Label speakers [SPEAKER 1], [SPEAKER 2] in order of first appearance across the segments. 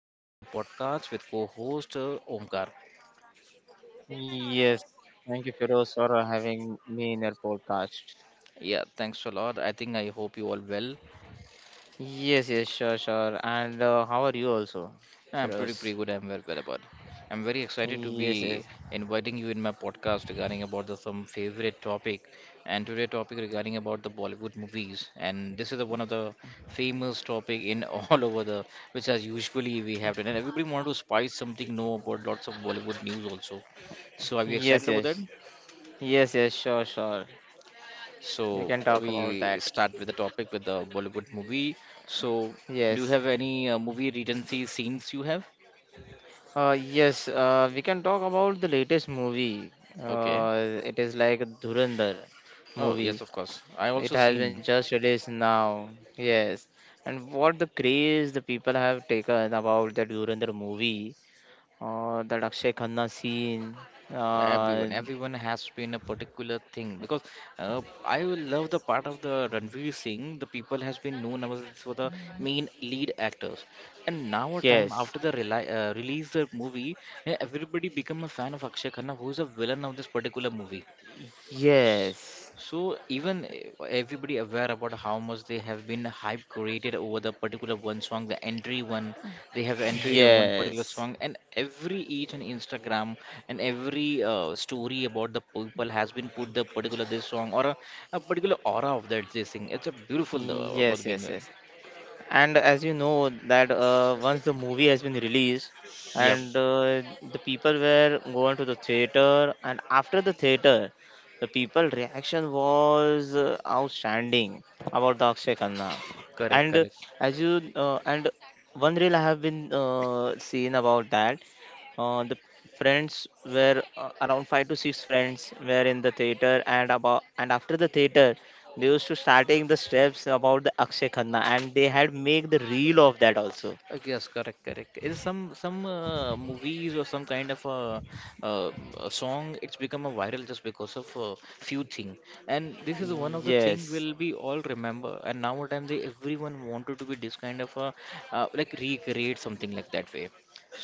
[SPEAKER 1] to my another podcast with co-host Omkar.
[SPEAKER 2] Yes, thank you, Firoz, for having me in your podcast.
[SPEAKER 1] Yeah, thanks a lot. I think I hope you all well.
[SPEAKER 2] Yes, yes, sure, sure. And how are you also,
[SPEAKER 1] I'm pretty
[SPEAKER 2] Firoz?
[SPEAKER 1] good. I'm well about. I'm very excited to
[SPEAKER 2] Yes,
[SPEAKER 1] be
[SPEAKER 2] yes,
[SPEAKER 1] inviting you in my podcast regarding about the some favorite topic, and today topic regarding about the Bollywood movies, and this is the one of the famous topic in all over the which as usually we have done, and everybody want to spice something know about lots of Bollywood news also. So are you
[SPEAKER 2] yes,
[SPEAKER 1] excited about that?
[SPEAKER 2] yes, yes, yes, sure, sure. We
[SPEAKER 1] So
[SPEAKER 2] can talk about
[SPEAKER 1] we
[SPEAKER 2] that.
[SPEAKER 1] start with the topic with the Bollywood movie. So do you
[SPEAKER 2] Yes,
[SPEAKER 1] have any movie regency scenes you have?
[SPEAKER 2] yes, we can talk about the latest movie.
[SPEAKER 1] Okay.
[SPEAKER 2] It is like Dhurandhar
[SPEAKER 1] Oh, yes,
[SPEAKER 2] movie.
[SPEAKER 1] of course. I
[SPEAKER 2] It
[SPEAKER 1] also
[SPEAKER 2] has been
[SPEAKER 1] seen
[SPEAKER 2] just released now. Yes, and what the craze the people have taken about the Dhurandhar movie. That Akshay Khanna scene.
[SPEAKER 1] everyone.
[SPEAKER 2] Uh,
[SPEAKER 1] Everyone has been a particular thing because I will love the part of the Ranveer Singh. The people has been known as for the main lead actors, and now a time
[SPEAKER 2] yes,
[SPEAKER 1] after the reli release the movie, everybody become a fan of Akshay Khanna, who is a villain of this particular movie.
[SPEAKER 2] yes,
[SPEAKER 1] So even everybody aware about how much they have been hype created over the particular one song, the entry one they have entered on one particular
[SPEAKER 2] yes,
[SPEAKER 1] song, and every each on Instagram and every story about the people has been put the particular this song or a particular aura of that this thing. It's a beautiful about
[SPEAKER 2] yes,
[SPEAKER 1] being.
[SPEAKER 2] yes,
[SPEAKER 1] Uh,
[SPEAKER 2] yes. And as you know that once the movie has been released
[SPEAKER 1] yep,
[SPEAKER 2] and the people were going to the theater and after the theater the people reaction was outstanding about the akshay khanna
[SPEAKER 1] correct,
[SPEAKER 2] and
[SPEAKER 1] correct.
[SPEAKER 2] as you and one reel I have been seen about that the friends were around five to six friends were in the theater and about and after the theater they used to starting the steps about the Akshay Khanna, and they had make the reel of that also.
[SPEAKER 1] Yes, correct, correct. Is some movies or some kind of uh, a song? It's become a viral just because of a few thing, and this is one of the thing
[SPEAKER 2] Yes,
[SPEAKER 1] will be all remember. And nowadays, they everyone wanted to be this kind of a like recreate something like that way.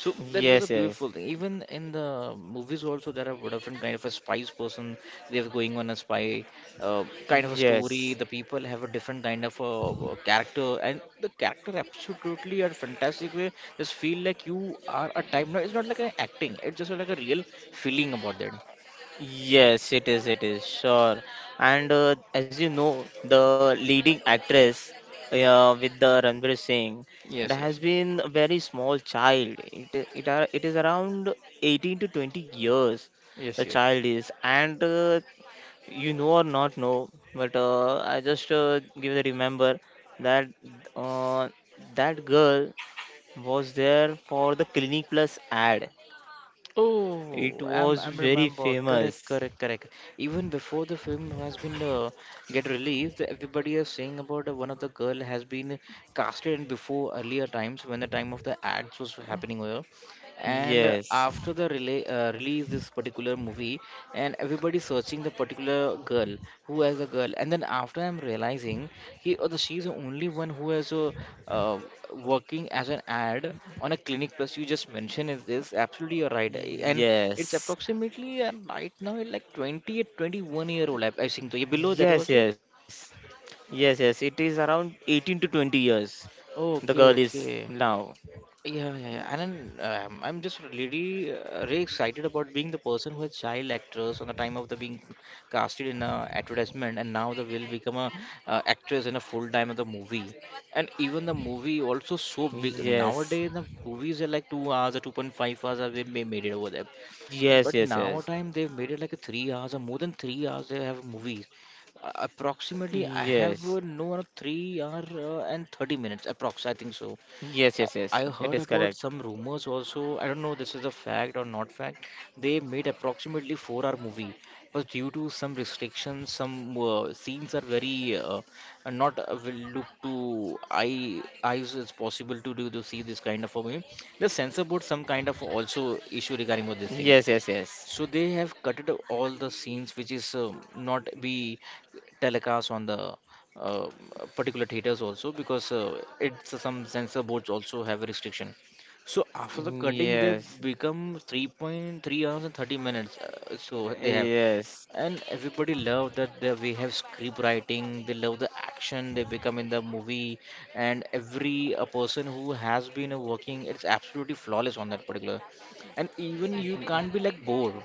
[SPEAKER 1] So that was
[SPEAKER 2] yes,
[SPEAKER 1] a
[SPEAKER 2] yes,
[SPEAKER 1] beautiful thing. Even in the movies, also there are different kind of a spies person. They're going on a spy kind of a story.
[SPEAKER 2] yes,
[SPEAKER 1] The people have a different kind of character, and the character absolutely are fantastic way. Just feel like you are a time. No, it's not like an acting. It's just like a real feeling about that.
[SPEAKER 2] yes. It is sure. And as you know, the leading actress with the Ranbir Singh, it
[SPEAKER 1] Yes, yes,
[SPEAKER 2] has been a very small child. It is around 18 to 20 years.
[SPEAKER 1] yes,
[SPEAKER 2] The
[SPEAKER 1] yes.
[SPEAKER 2] child is, and you know or not know but I just give the remember that uh, that girl was there for the clinic plus ad. It
[SPEAKER 1] Oh,
[SPEAKER 2] was
[SPEAKER 1] I'm
[SPEAKER 2] very
[SPEAKER 1] remember. Correct,
[SPEAKER 2] famous.
[SPEAKER 1] correct, correct. Even before the film has been get released, everybody is saying about one of the girl has been casted before earlier times when the time of the ads was happening over and
[SPEAKER 2] Yes,
[SPEAKER 1] after the release this particular movie and everybody searching the particular girl who has a girl and then after I'm realizing he or the she's the only one who has a uh, working as an ad on a clinic plus you just mentioned is this absolutely you're right and it's
[SPEAKER 2] yes,
[SPEAKER 1] approximately right now like 20 or 21-year-old I think so. You're below that also.
[SPEAKER 2] yes, yes, yes, yes, it is around 18 to 20 years.
[SPEAKER 1] Oh,
[SPEAKER 2] The
[SPEAKER 1] okay
[SPEAKER 2] girl is
[SPEAKER 1] okay
[SPEAKER 2] now.
[SPEAKER 1] Yeah, yeah, yeah. And then, I'm just really really excited about being the person who is child actress on the time of the being casted in a advertisement, and now they will become a actress in a full time of the movie. And even the movie also so big
[SPEAKER 2] Yes,
[SPEAKER 1] nowadays. The movies are like 2 hours or 2.5 hours have been made it over there,
[SPEAKER 2] yes,
[SPEAKER 1] but
[SPEAKER 2] yes,
[SPEAKER 1] now
[SPEAKER 2] yes,
[SPEAKER 1] time they've made it like a 3 hours or more than 3 hours. They have movies. Approximately, I have
[SPEAKER 2] yes,
[SPEAKER 1] no 3 hour and 30 minutes approx. I think so.
[SPEAKER 2] yes, yes,
[SPEAKER 1] I I
[SPEAKER 2] yes,
[SPEAKER 1] heard
[SPEAKER 2] it is
[SPEAKER 1] about some
[SPEAKER 2] correct.
[SPEAKER 1] rumors also. I don't know this is a fact or not fact. They made approximately four-hour movie, but due to some restrictions, some scenes are very are not will look to eye eyes as possible to do to see this kind of a movie. The censor board some kind of also issue regarding with this thing.
[SPEAKER 2] Yes, yes, yes,
[SPEAKER 1] So they have cutted all the scenes which is not be telecast on the uh, particular theaters also because it's some censor boards also have a restriction. So after the cutting, they
[SPEAKER 2] yes.
[SPEAKER 1] become 3.3 hours and 30 minutes. So they have.
[SPEAKER 2] Yes.
[SPEAKER 1] And everybody love that they, we have script writing, they love the action they become in the movie, and every a person who has been working, it's absolutely flawless on that particular. And even you can't be like bored.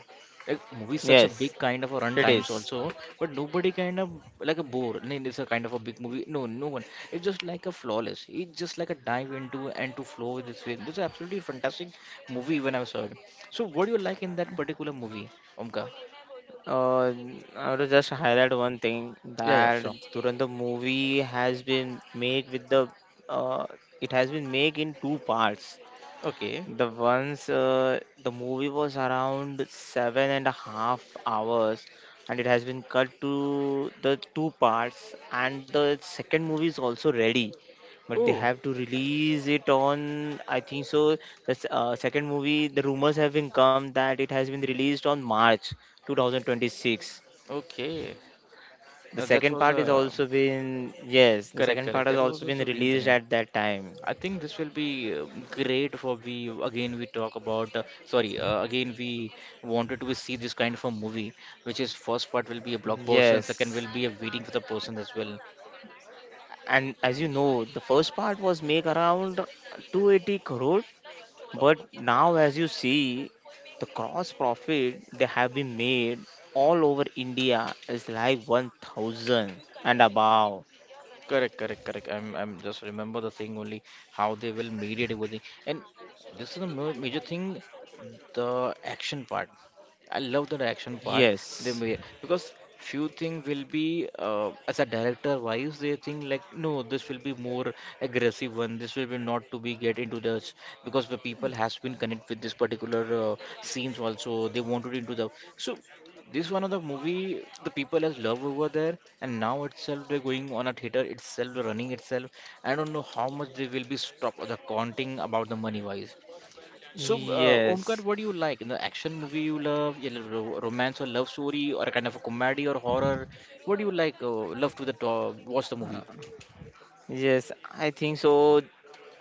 [SPEAKER 1] Like movie is such a
[SPEAKER 2] Yes,
[SPEAKER 1] big kind of a run
[SPEAKER 2] it
[SPEAKER 1] times
[SPEAKER 2] is.
[SPEAKER 1] also, but nobody kind of like a bore. I mean, it's a kind of a big movie. No, no one. It's just like a flawless. It's just like a dive into and to flow with this film. This is absolutely fantastic movie when I saw it. So what do you like in that particular movie, Omka?
[SPEAKER 2] Uh, I would just highlight one thing
[SPEAKER 1] Yeah, yeah,
[SPEAKER 2] that
[SPEAKER 1] sure.
[SPEAKER 2] Durandar movie has been made with the uh, it has been made in two parts.
[SPEAKER 1] Okay.
[SPEAKER 2] The ones the movie was around 7.5 hours, and it has been cut to the two parts, and the second movie is also ready, but they
[SPEAKER 1] Oh,
[SPEAKER 2] have to release it on I think so. The second movie, the rumors have been come that it has been released on March 2026.
[SPEAKER 1] okay.
[SPEAKER 2] The
[SPEAKER 1] That
[SPEAKER 2] second
[SPEAKER 1] was
[SPEAKER 2] part is also been yes, the
[SPEAKER 1] correct,
[SPEAKER 2] second
[SPEAKER 1] correct.
[SPEAKER 2] part
[SPEAKER 1] That
[SPEAKER 2] has
[SPEAKER 1] was
[SPEAKER 2] also
[SPEAKER 1] also
[SPEAKER 2] been
[SPEAKER 1] linked. Yeah.
[SPEAKER 2] released at that time.
[SPEAKER 1] I think this will be great for we again we talk about sorry again we wanted to see this kind of a movie which is first part will be a blockbuster and
[SPEAKER 2] Yes.
[SPEAKER 1] second will be a waiting for the person as well.
[SPEAKER 2] And as you know the first part was make around 280 crore,
[SPEAKER 1] Uh,
[SPEAKER 2] but now as you see the cross profit they have been made all over india is like 1000 and above.
[SPEAKER 1] Correct, correct, correct. I'm just remember the thing only how they will mediate everything, and this is a major thing, the action part. I love that action part. They
[SPEAKER 2] yes
[SPEAKER 1] may, because few things will be as a director wise they think like no this will be more aggressive one this will be not to be get into the because the people has been connect with this particular scenes also they wanted into the so this one of the movie the people has love over there, and now itself they're going on a theater itself, running itself. I don't know how much they will be stop the counting about the money wise. So, Omkar,
[SPEAKER 2] yes
[SPEAKER 1] what do you like? In the action movie you love, yeah, romance or love story, or kind of a comedy or horror? What do you like? Love to the top, watch the movie.
[SPEAKER 2] Uh, Yes, I think so.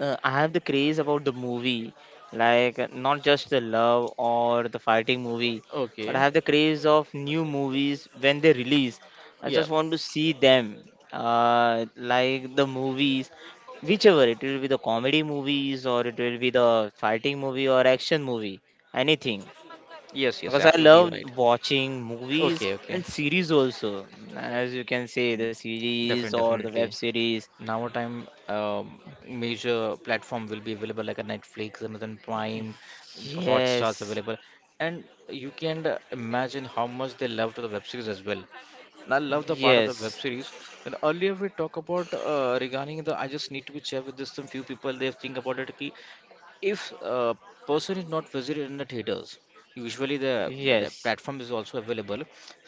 [SPEAKER 2] I have the craze about the movie, like not just the love or the fighting movie, but I
[SPEAKER 1] Okay.
[SPEAKER 2] have the craze of new movies when they release. I
[SPEAKER 1] Yeah.
[SPEAKER 2] just want to see them, like the movies, whichever it will be the comedy movies or it will be the fighting movie or action movie, anything.
[SPEAKER 1] Yes, yes,
[SPEAKER 2] Because I
[SPEAKER 1] absolutely, you're
[SPEAKER 2] love
[SPEAKER 1] right.
[SPEAKER 2] watching movies
[SPEAKER 1] Okay, okay,
[SPEAKER 2] and series also, as you can say, the series
[SPEAKER 1] definitely,
[SPEAKER 2] or the
[SPEAKER 1] definitely.
[SPEAKER 2] web series.
[SPEAKER 1] Now a time major platform will be available like a Netflix, Amazon Prime, Hotstar's
[SPEAKER 2] Yes,
[SPEAKER 1] available and you can imagine how much they love to the web series as well, and I love the part of the web
[SPEAKER 2] yes,
[SPEAKER 1] series and earlier we talk about regarding the I just need to be check with this some few people they think about it ki if a person is not visited in the theaters usually the
[SPEAKER 2] yes,
[SPEAKER 1] platform is also available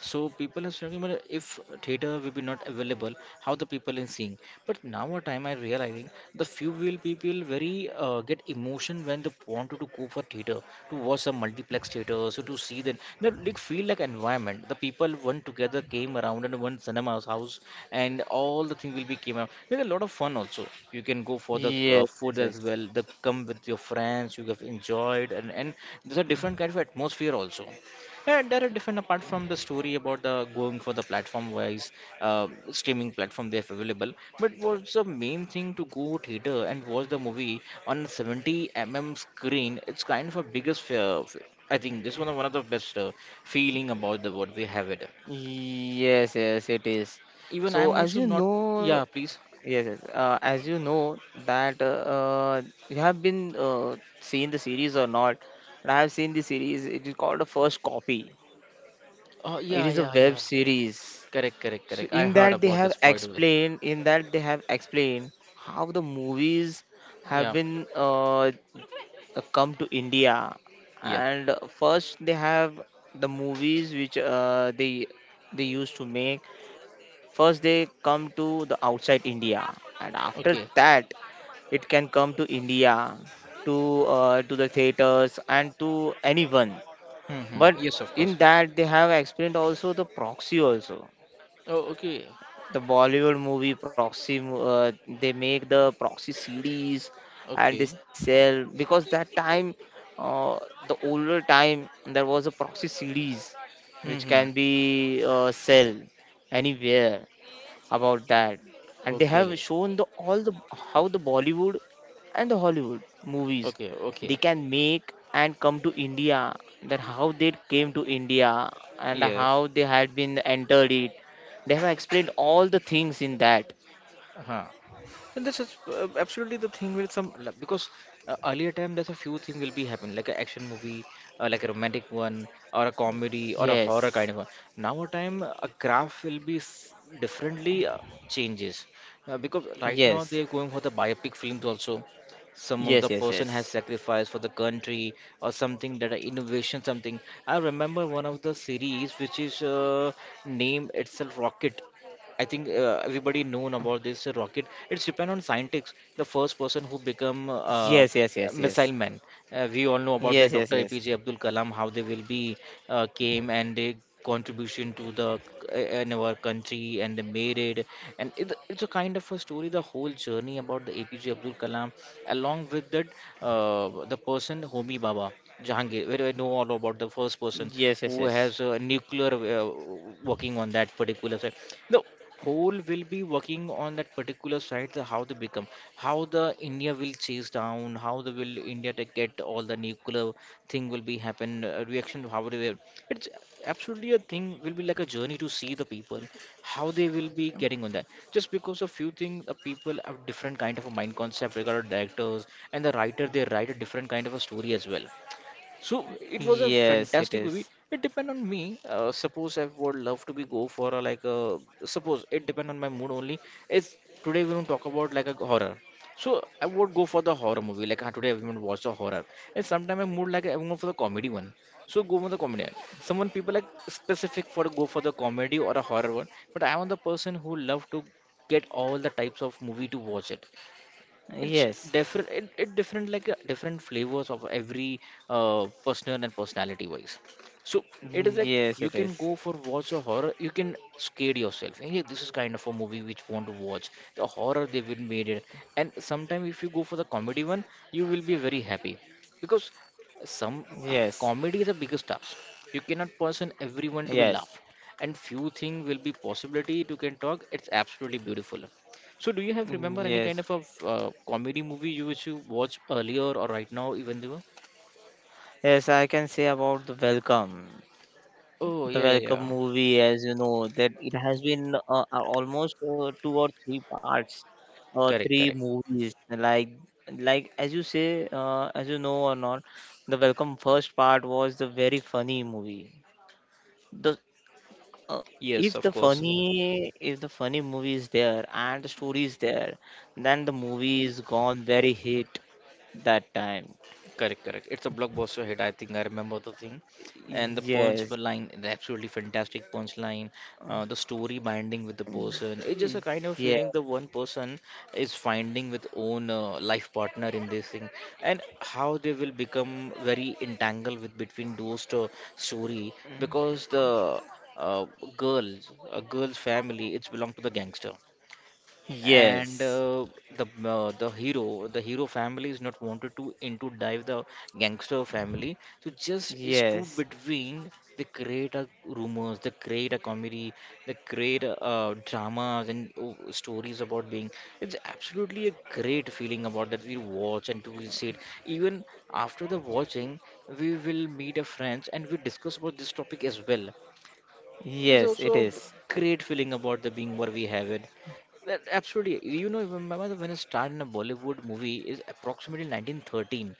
[SPEAKER 1] so people are talking about if theater will be not available, how the people in seeing. But now a time I realizing the few will people very get emotion when they wanted to go for theater to watch some multiplex theater, so to see that like feel like environment. The people one together came around and one cinema's house and all the thing will be came out. There's a lot of fun also. You can go for the food as
[SPEAKER 2] yes,
[SPEAKER 1] well. The come with your friends, you have enjoyed and there's a different kind of atmosphere also. Yeah, there are different apart from the story about the going for the platform wise streaming platform they have available. But what's the main thing to go theater and watch the movie on a 70 mm screen? It's kind of a biggest fear. I think this one of the best feeling about the what we have it.
[SPEAKER 2] yes, yes, yes, it is.
[SPEAKER 1] Even
[SPEAKER 2] So,
[SPEAKER 1] I'm
[SPEAKER 2] as
[SPEAKER 1] also
[SPEAKER 2] you
[SPEAKER 1] not.
[SPEAKER 2] know,
[SPEAKER 1] Yeah, please.
[SPEAKER 2] yes, yes, as you know that you have been seen the series or not, but I have seen the series. It is called the first copy.
[SPEAKER 1] Oh
[SPEAKER 2] It
[SPEAKER 1] yeah,
[SPEAKER 2] is a
[SPEAKER 1] yeah,
[SPEAKER 2] web
[SPEAKER 1] yeah, yeah, yeah.
[SPEAKER 2] series.
[SPEAKER 1] Correct, correct,
[SPEAKER 2] So,
[SPEAKER 1] correct. I
[SPEAKER 2] in
[SPEAKER 1] heard
[SPEAKER 2] that they
[SPEAKER 1] about
[SPEAKER 2] have
[SPEAKER 1] this point of the.
[SPEAKER 2] explained, in that they have explained how the movies have
[SPEAKER 1] Yeah,
[SPEAKER 2] been come to India,
[SPEAKER 1] yeah.
[SPEAKER 2] and first they have the movies which they used to make. First they come to the outside India, and after
[SPEAKER 1] Okay.
[SPEAKER 2] that it can come to India, to the theaters and to anyone.
[SPEAKER 1] Hmm,
[SPEAKER 2] But
[SPEAKER 1] hmm. Yes, of course.
[SPEAKER 2] in that they have explained also the proxy also
[SPEAKER 1] Oh, okay.
[SPEAKER 2] the Bollywood movie proxy they make the proxy CDs
[SPEAKER 1] Okay.
[SPEAKER 2] and they sell because that time uh, the older time there was a proxy CDs which
[SPEAKER 1] Hmm.
[SPEAKER 2] can be sell anywhere about that and they have
[SPEAKER 1] Okay.
[SPEAKER 2] shown the all the how the bollywood and the hollywood movies
[SPEAKER 1] Okay.
[SPEAKER 2] they
[SPEAKER 1] Okay.
[SPEAKER 2] can make and come to india, that how they came to india and
[SPEAKER 1] Yes.
[SPEAKER 2] how they had been entered it. They have explained all the things in that.
[SPEAKER 1] Huh. And this is absolutely the thing with some like, because earlier time there's a few things will be happening like an action movie, like a romantic one, or a comedy, or a horror kind of
[SPEAKER 2] Yes.
[SPEAKER 1] one. Now a time a graph will be differently changes because right now
[SPEAKER 2] Yes.
[SPEAKER 1] they're going for the biopic films also. Some of the
[SPEAKER 2] Yes, yes,
[SPEAKER 1] person has
[SPEAKER 2] yes.
[SPEAKER 1] sacrificed for the country or something that are innovation something. I remember one of the series which is name itself Rocket I think everybody known about this rocket. It's depend on scientists. The first person who become
[SPEAKER 2] Yes, yes, yes,
[SPEAKER 1] missile
[SPEAKER 2] yes,
[SPEAKER 1] man. We all know about the
[SPEAKER 2] yes, yes,
[SPEAKER 1] Dr.
[SPEAKER 2] yes.
[SPEAKER 1] APJ Abdul Kalam, how they will be came and they contribution to the in our country and they made it. And it's a kind of a story, the whole journey about the APJ Abdul Kalam, along with that the person Homi Baba. Jahangir, where I know all about the first person
[SPEAKER 2] Yes, yes,
[SPEAKER 1] who
[SPEAKER 2] yes.
[SPEAKER 1] has nuclear working on that particular side. No, whole will be working on that particular side the how they become how the india will chase down how the will india to get all the nuclear thing will be happen reaction to how they will it's absolutely a thing will be like a journey to see the people how they will be getting on that just because a few things the people have different kind of a mind concept regarding directors and the writer they write a different kind of a story as well so it was a
[SPEAKER 2] Yes, it
[SPEAKER 1] fantastic movie.
[SPEAKER 2] is.
[SPEAKER 1] It depend on me. Suppose I would love to be go for a, like a suppose it depend on my mood only. It's today we don't talk about like a horror. So I would go for the horror movie. Like "Ah, today everyone watch the horror. And sometimes I mood like I'm going for the comedy one. So go for the comedy one. Someone people like specific for go for the comedy or a horror one. But I am the person who love to get all the types of movie to watch it it's
[SPEAKER 2] Yes.
[SPEAKER 1] different it different like different flavors of every personal and personality wise so it is like
[SPEAKER 2] Yes,
[SPEAKER 1] you
[SPEAKER 2] it
[SPEAKER 1] can
[SPEAKER 2] is.
[SPEAKER 1] go for watch a horror, you can scare yourself, hey this is kind of a movie which want to watch the horror they will made it, and sometime if you go for the comedy one you will be very happy because some
[SPEAKER 2] Yes.
[SPEAKER 1] comedy is the biggest task, you cannot person everyone to be
[SPEAKER 2] Yes.
[SPEAKER 1] laugh, and few thing will be possibility to can talk, it's absolutely beautiful. So, do you have
[SPEAKER 2] Mm,
[SPEAKER 1] remember any kind
[SPEAKER 2] yes,
[SPEAKER 1] of a comedy movie you which you watched earlier or right now, even though?
[SPEAKER 2] yes, I can say about
[SPEAKER 1] Oh,
[SPEAKER 2] the
[SPEAKER 1] yeah, yeah,
[SPEAKER 2] Welcome
[SPEAKER 1] yeah.
[SPEAKER 2] movie, as you know, that it has been almost two or three parts,
[SPEAKER 1] Correct,
[SPEAKER 2] three
[SPEAKER 1] correct.
[SPEAKER 2] movies. Like as you say, as you know or not, the Welcome first part was the very funny movie. The uh,
[SPEAKER 1] Yes, of course.
[SPEAKER 2] if the funny movie is there and the story is there, then the movie is gone very hit that time.
[SPEAKER 1] Correct, correct. It's a blockbuster hit. I think I remember the thing, and the punch for
[SPEAKER 2] Yes,
[SPEAKER 1] line, the absolutely fantastic punch line. The story binding with the person. It's just a kind of
[SPEAKER 2] yes.
[SPEAKER 1] feeling the one person is finding with own life partner in this thing, and how they will become very entangled with between those two-story because the uh, girls, a girl's family, it's belong to the gangster, and
[SPEAKER 2] Yes,
[SPEAKER 1] the hero family is not wanted to into dive the gangster family, so just is two
[SPEAKER 2] yes,
[SPEAKER 1] between they create a rumors, they create a comedy, they create dramas and stories about being. It's absolutely a great feeling about that we watch and we see it, even after the watching we will meet a friends and we discuss about this topic as well. There's
[SPEAKER 2] yes, it
[SPEAKER 1] also
[SPEAKER 2] is.
[SPEAKER 1] great feeling about the being what we have it. That absolutely, you know, even my mother when I started in a Bollywood movie is approximately 1913.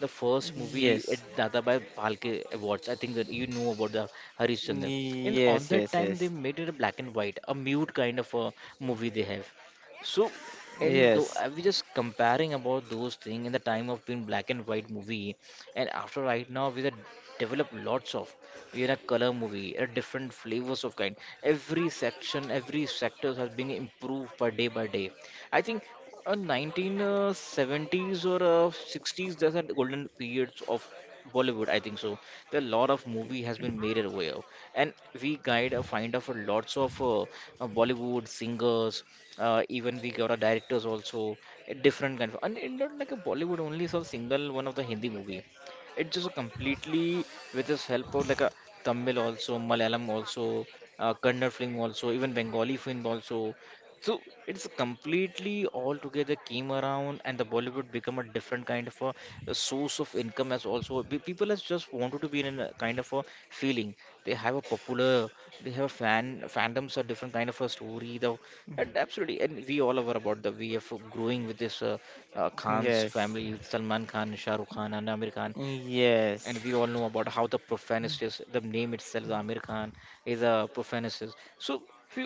[SPEAKER 1] The first movie
[SPEAKER 2] Yes,
[SPEAKER 1] at Dadabhai Phalke Awards. I think that you know about the Harishchandra. And on
[SPEAKER 2] yes,
[SPEAKER 1] that
[SPEAKER 2] yes,
[SPEAKER 1] time they
[SPEAKER 2] yes,
[SPEAKER 1] made it a black and white, a mute kind of a movie they have. So, and though
[SPEAKER 2] yes,
[SPEAKER 1] I was just comparing about those things in the time of being black and white movie, and after right now we have developed lots of we are a color movie a different flavors of kind, every section every sector has been improved by day by day. I think 1970s or 60s there's a golden periods of Bollywood, I think so. The lot of movie has been made away of, and we guide a find out for lots of Bollywood singers, even we got our directors also, a different kind of, and it's not like a Bollywood only so single one of the Hindi movie. It just completely with his help of like a Tamil also, Malayalam also, Kannada film also, even Bengali film also. So it's completely all together came around, and the Bollywood become a different kind of a source of income as also, people has just wanted to be in a kind of a feeling. They have a popular, they have a fan fandoms a different kind of a story though, and absolutely. And we all aware about the we are growing with this Khan's
[SPEAKER 2] yes,
[SPEAKER 1] family, Salman Khan, Shah Rukh Khan, and Amir Khan, and
[SPEAKER 2] yes.
[SPEAKER 1] we all know about how the profanist is the name itself Amir Khan is a profanist. So if you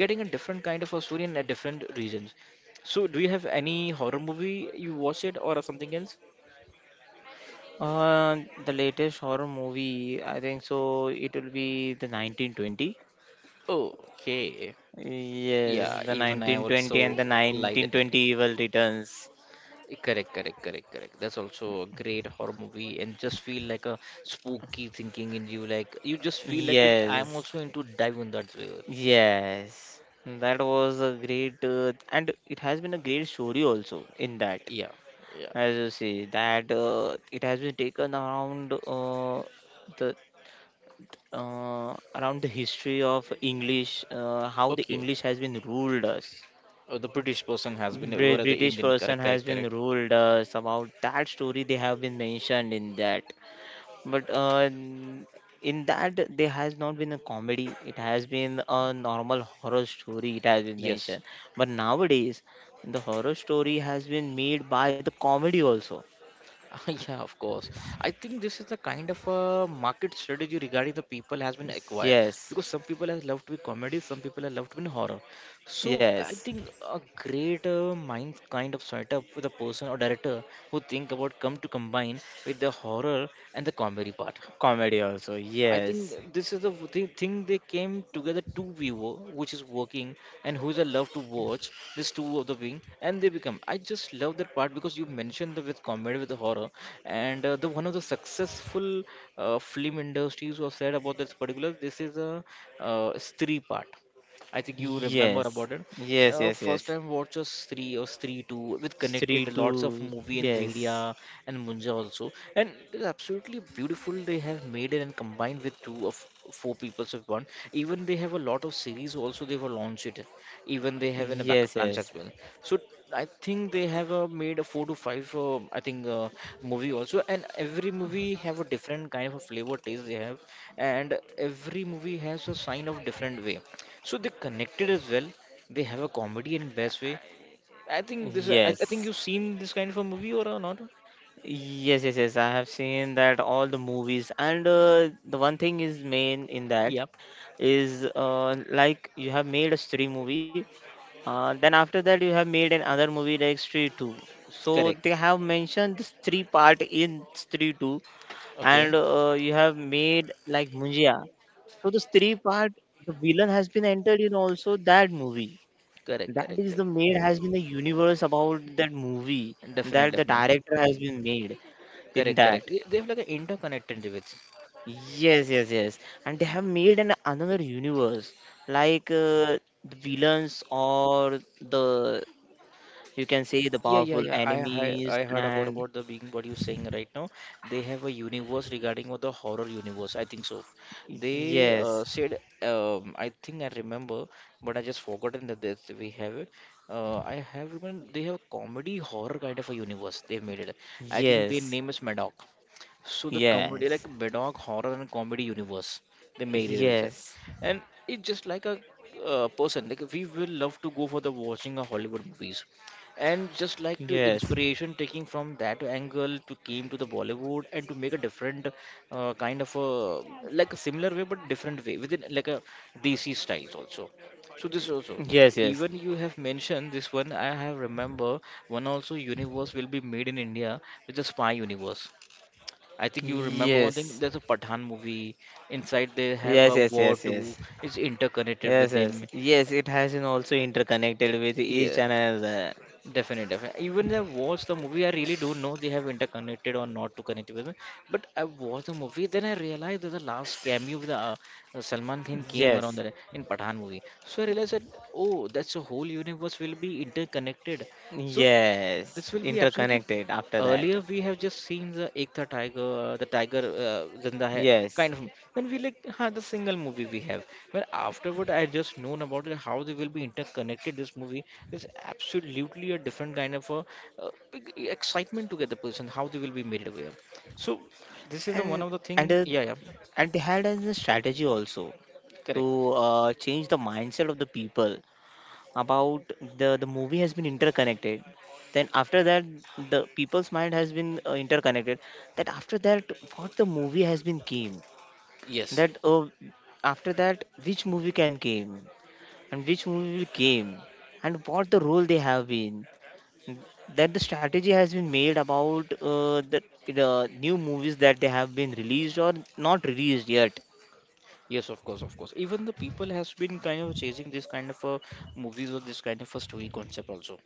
[SPEAKER 1] getting a different kind of a story in a different regions, so do you have any horror movie you watch it or something else?
[SPEAKER 2] Uh, the latest horror movie, I think so, it will be the 1920.
[SPEAKER 1] Okay.
[SPEAKER 2] Yes,
[SPEAKER 1] Yeah,
[SPEAKER 2] the
[SPEAKER 1] even I
[SPEAKER 2] 1920
[SPEAKER 1] also
[SPEAKER 2] and the
[SPEAKER 1] like that movie.
[SPEAKER 2] 1920 Evil Returns.
[SPEAKER 1] Correct, correct, correct, correct. That's also a great horror movie, and just feel like a spooky thinking in you. Like you just feel like it, I'm
[SPEAKER 2] Yes,
[SPEAKER 1] also into dive in that way.
[SPEAKER 2] yes. That was a great, and it has been a great story also in that.
[SPEAKER 1] Yeah. Yeah.
[SPEAKER 2] As you see that it has been taken around the around the history of English, how the
[SPEAKER 1] Okay.
[SPEAKER 2] English has been ruled us.
[SPEAKER 1] Oh, the British person has been over the
[SPEAKER 2] British
[SPEAKER 1] Indian.
[SPEAKER 2] person
[SPEAKER 1] Correct,
[SPEAKER 2] has
[SPEAKER 1] correct,
[SPEAKER 2] been
[SPEAKER 1] correct.
[SPEAKER 2] ruled us about that story. They have been mentioned in that, but in that there has not been a comedy. It has been a normal horror story. It has been
[SPEAKER 1] Yes.
[SPEAKER 2] mentioned, but nowadays the horror story has been made by the comedy also.
[SPEAKER 1] Yeah, of course. I think this is the kind of a market strategy regarding the people has been acquired,
[SPEAKER 2] Yes,
[SPEAKER 1] because some people have loved with comedy, some people have loved with horror. So I
[SPEAKER 2] yes,
[SPEAKER 1] think a great mind kind of setup with a person or director who think about come to combine with the horror and the comedy part.
[SPEAKER 2] comedy also.
[SPEAKER 1] I
[SPEAKER 2] Yes,
[SPEAKER 1] think this is the thing they came together two viewer which is working, and who's I love to watch this two of the wing and they become I just love that part because you mentioned the with comedy with the horror, and the one of the successful film industries was said about this particular this is a Stree part, I think you remember
[SPEAKER 2] yes,
[SPEAKER 1] about it.
[SPEAKER 2] yes, yes,
[SPEAKER 1] First
[SPEAKER 2] yes.
[SPEAKER 1] time watches three or three two with
[SPEAKER 2] Three,
[SPEAKER 1] connected lots of
[SPEAKER 2] two,
[SPEAKER 1] movie, and
[SPEAKER 2] yes,
[SPEAKER 1] Bhediya and Munja also, and it's absolutely beautiful. They have made it and combined with two of four peoples of one. Even they have a lot of series also. They were launched it. Even they have in a
[SPEAKER 2] yes,
[SPEAKER 1] backup plans
[SPEAKER 2] yes,
[SPEAKER 1] as well. So I think they have made a four to five. I think movie also, and every movie have a different kind of a flavor taste they have, and every movie has a sign of different way. So they connected as well, they have a comedy in best way. I think this. I think
[SPEAKER 2] yes,
[SPEAKER 1] you've seen this kind of a movie or not?
[SPEAKER 2] yes, yes, yes. I have seen that all the movies, and the one thing is main in that
[SPEAKER 1] Yep.
[SPEAKER 2] is like you have made a Stree movie, then after that you have made another movie like Stree two. So
[SPEAKER 1] Correct.
[SPEAKER 2] they have mentioned this three part in Stree two, and
[SPEAKER 1] Okay.
[SPEAKER 2] you have made like Munjia. So the Stree part, the villain has been entered in also that movie.
[SPEAKER 1] Correct.
[SPEAKER 2] That
[SPEAKER 1] Correct,
[SPEAKER 2] is
[SPEAKER 1] correct.
[SPEAKER 2] the made has been the universe about that movie
[SPEAKER 1] Definitely.
[SPEAKER 2] that the
[SPEAKER 1] Definitely.
[SPEAKER 2] director has been made in
[SPEAKER 1] Correct.
[SPEAKER 2] that.
[SPEAKER 1] Correct. They have like an interconnected with.
[SPEAKER 2] Yes, yes, yes. And they have made an another universe like the villains or the you can say the
[SPEAKER 1] Yeah, yeah,
[SPEAKER 2] powerful
[SPEAKER 1] yeah. I I,
[SPEAKER 2] enemies
[SPEAKER 1] I heard
[SPEAKER 2] and
[SPEAKER 1] about the being what you're saying right now. They have a universe regarding what the horror universe. I think so. They
[SPEAKER 2] yes,
[SPEAKER 1] said I think I remember, but I just forgotten that this we have it. I have, even they have comedy horror kind of a universe. They've made it. I think their
[SPEAKER 2] yes,
[SPEAKER 1] name is Madoc. So the comedy, like
[SPEAKER 2] yes,
[SPEAKER 1] Bedog horror and comedy universe, they
[SPEAKER 2] yes,
[SPEAKER 1] made it with it,
[SPEAKER 2] yes,
[SPEAKER 1] and it's just like a person. Like we will love to go for the watching a Hollywood movies, and just like to
[SPEAKER 2] yes,
[SPEAKER 1] inspiration taking from that angle to came to the Bollywood and to make a different kind of a like a similar way but different way within like a DC styles also. So this also,
[SPEAKER 2] yes,
[SPEAKER 1] even you have mentioned this one. I have remember one also universe will be made in India with the spy universe. I think you remember one thing.
[SPEAKER 2] yes.
[SPEAKER 1] There's a Pathan movie. Inside they have
[SPEAKER 2] Yes,
[SPEAKER 1] a
[SPEAKER 2] yes,
[SPEAKER 1] war
[SPEAKER 2] yes,
[SPEAKER 1] too.
[SPEAKER 2] yes,
[SPEAKER 1] It's interconnected
[SPEAKER 2] yes,
[SPEAKER 1] with
[SPEAKER 2] yes,
[SPEAKER 1] them.
[SPEAKER 2] yes. It has been also interconnected with each
[SPEAKER 1] Yeah,
[SPEAKER 2] another.
[SPEAKER 1] definitely, definitely. Even I watched the movie. I really don't know they have interconnected or not to connect with them. But I watched the movie. Then I realized that the last cameo with Salman Khan came around
[SPEAKER 2] Yes,
[SPEAKER 1] there in Pathan movie. So I realized that oh, that's a whole universe will be interconnected. So
[SPEAKER 2] yes,
[SPEAKER 1] this will be absolutely
[SPEAKER 2] interconnected after that.
[SPEAKER 1] earlier we have just seen the Ekta Tiger, the Tiger Zinda Hai
[SPEAKER 2] Yes,
[SPEAKER 1] kind of. When we like had the single movie we have. But afterward, I just known about it, how they will be interconnected. This movie is absolutely a different kind of a big excitement to get the person how they will be made aware. So this is the one
[SPEAKER 2] and
[SPEAKER 1] of the
[SPEAKER 2] and
[SPEAKER 1] thing.
[SPEAKER 2] uh,
[SPEAKER 1] Yeah, yeah,
[SPEAKER 2] and they had as a strategy also
[SPEAKER 1] correct.
[SPEAKER 2] to change the mindset of the people about the movie has been interconnected. Then after that, the people's mind has been interconnected. That after that, what the movie has been came.
[SPEAKER 1] Yes.
[SPEAKER 2] That after that, which movie can came and which movie will came and what the role they have been, that the strategy has been made about the new movies that they have been released or not released yet.
[SPEAKER 1] Yes, of course, of course. Even the people has been kind of chasing this kind of a movies or this kind of a story concept also.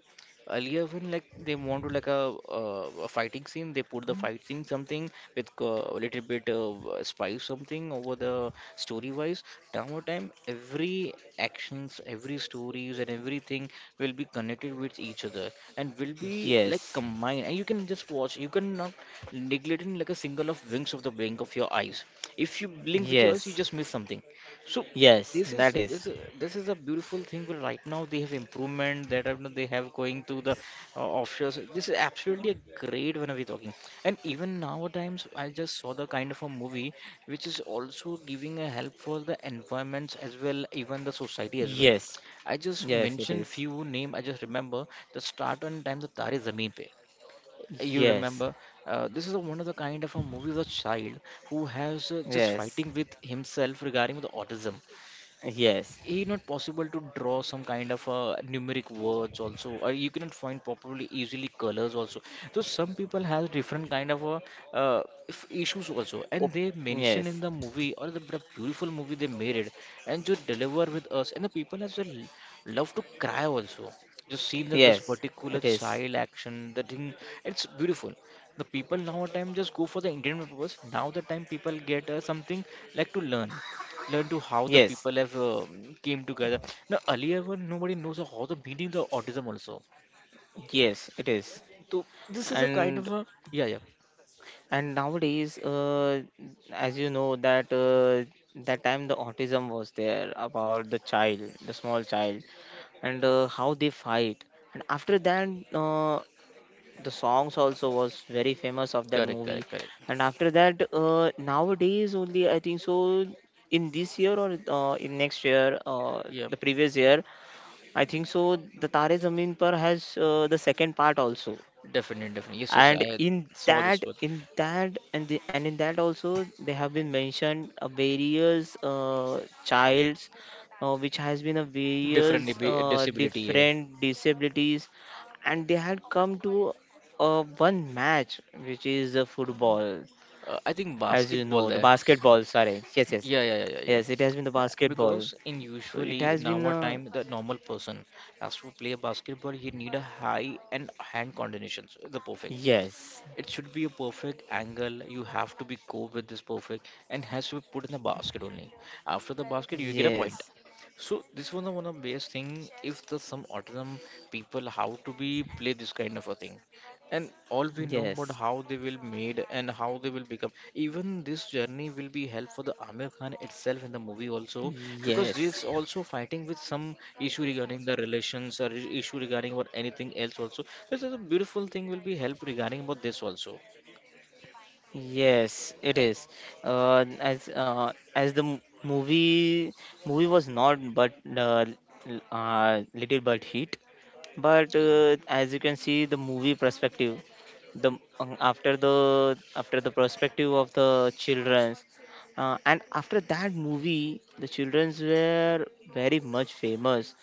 [SPEAKER 1] Earlier when like they want to like a fighting scene, they put the fight scene something with a little bit of spice something over the story wise. Now over time every actions, every stories and everything will be connected with each other and will be like
[SPEAKER 2] Yes,
[SPEAKER 1] combined, and you can just watch. You cannot neglect in like a single of winks of the blink of your eyes. If you blink with your eyes, you
[SPEAKER 2] yes,
[SPEAKER 1] just miss something. So
[SPEAKER 2] yes
[SPEAKER 1] this is
[SPEAKER 2] that is.
[SPEAKER 1] this is this is a beautiful thing, but right now they have improvement that they have going to the offshores. This is absolutely a great when we're talking. And even nowadays I just saw the kind of a movie which is also giving a help for the environments as well, even the society as well.
[SPEAKER 2] Yes,
[SPEAKER 1] I just
[SPEAKER 2] yes, it
[SPEAKER 1] mentioned
[SPEAKER 2] is.
[SPEAKER 1] few name I just remember: the start on time the Tare Zameen Pe, you
[SPEAKER 2] Yes,
[SPEAKER 1] remember? This is a, one of the kind of a movie of a child who has just
[SPEAKER 2] yes,
[SPEAKER 1] fighting with himself regarding the autism.
[SPEAKER 2] yes.
[SPEAKER 1] It not possible to draw some kind of numeric words also, or you cannot find properly easily colors also. So some people has different kind of uh, issues also, and
[SPEAKER 2] Oh,
[SPEAKER 1] they mention in
[SPEAKER 2] yes,
[SPEAKER 1] the movie or the beautiful movie they made it, and to deliver with us, and the people as well love to cry also. Just seeing that this
[SPEAKER 2] yes,
[SPEAKER 1] particular
[SPEAKER 2] it is.
[SPEAKER 1] child action, the thing, it's beautiful. The people now time just go for the entertainment purpose. Now the time people get something like to learn, to how the
[SPEAKER 2] Yes,
[SPEAKER 1] people have came together. Now earlier when nobody knows how the meaning the autism also.
[SPEAKER 2] yes, it is.
[SPEAKER 1] So this is a kind of
[SPEAKER 2] and
[SPEAKER 1] a yeah.
[SPEAKER 2] and nowadays as you know that that time the autism was there about the child the small child and how they fight and after that uh, the songs also was very famous of that
[SPEAKER 1] correct
[SPEAKER 2] movie,
[SPEAKER 1] correct correct
[SPEAKER 2] and after that nowadays only I think so, in this year or in next year
[SPEAKER 1] Yeah,
[SPEAKER 2] the previous year. I think so the tare zameen par has the second part also.
[SPEAKER 1] definitely, definitely, yes, yes,
[SPEAKER 2] And
[SPEAKER 1] I
[SPEAKER 2] in
[SPEAKER 1] saw
[SPEAKER 2] that,
[SPEAKER 1] this one.
[SPEAKER 2] in that and the and in that also they have been mentioned various childs which has been a
[SPEAKER 1] Different
[SPEAKER 2] various
[SPEAKER 1] disability, yeah.
[SPEAKER 2] different disabilities, and they had come to one match which is football.
[SPEAKER 1] I
[SPEAKER 2] As
[SPEAKER 1] think
[SPEAKER 2] you know the
[SPEAKER 1] basketball there.
[SPEAKER 2] basketball, sorry, yes, yes,
[SPEAKER 1] Yeah, yeah, yeah,
[SPEAKER 2] yes,
[SPEAKER 1] yeah,
[SPEAKER 2] it
[SPEAKER 1] yeah.
[SPEAKER 2] has been the basketball.
[SPEAKER 1] Because in
[SPEAKER 2] So it
[SPEAKER 1] usually
[SPEAKER 2] has
[SPEAKER 1] in
[SPEAKER 2] been
[SPEAKER 1] our time, the normal person has to play a basketball, he need a high and hand coordination, so the perfect.
[SPEAKER 2] yes,
[SPEAKER 1] It should be a perfect angle. You have to be go with this perfect and has to be put in the basket only. After the basket, you get a point.
[SPEAKER 2] yes,
[SPEAKER 1] So this was the one of best thing if the some autism people how to be play this kind of a thing, and all we know about how
[SPEAKER 2] yes,
[SPEAKER 1] they will made and how they will become. Even this journey will be help for the Amir Khan itself in the movie also because he's
[SPEAKER 2] yes.
[SPEAKER 1] also fighting with some issue regarding the relations or issue regarding about anything else also. This is a beautiful thing will be help regarding about this also.
[SPEAKER 2] Yes, it is. As the movie movie was not but little but hit, but as you can see the movie perspective the after the after the perspective of the children's and after that movie the children's were very much famous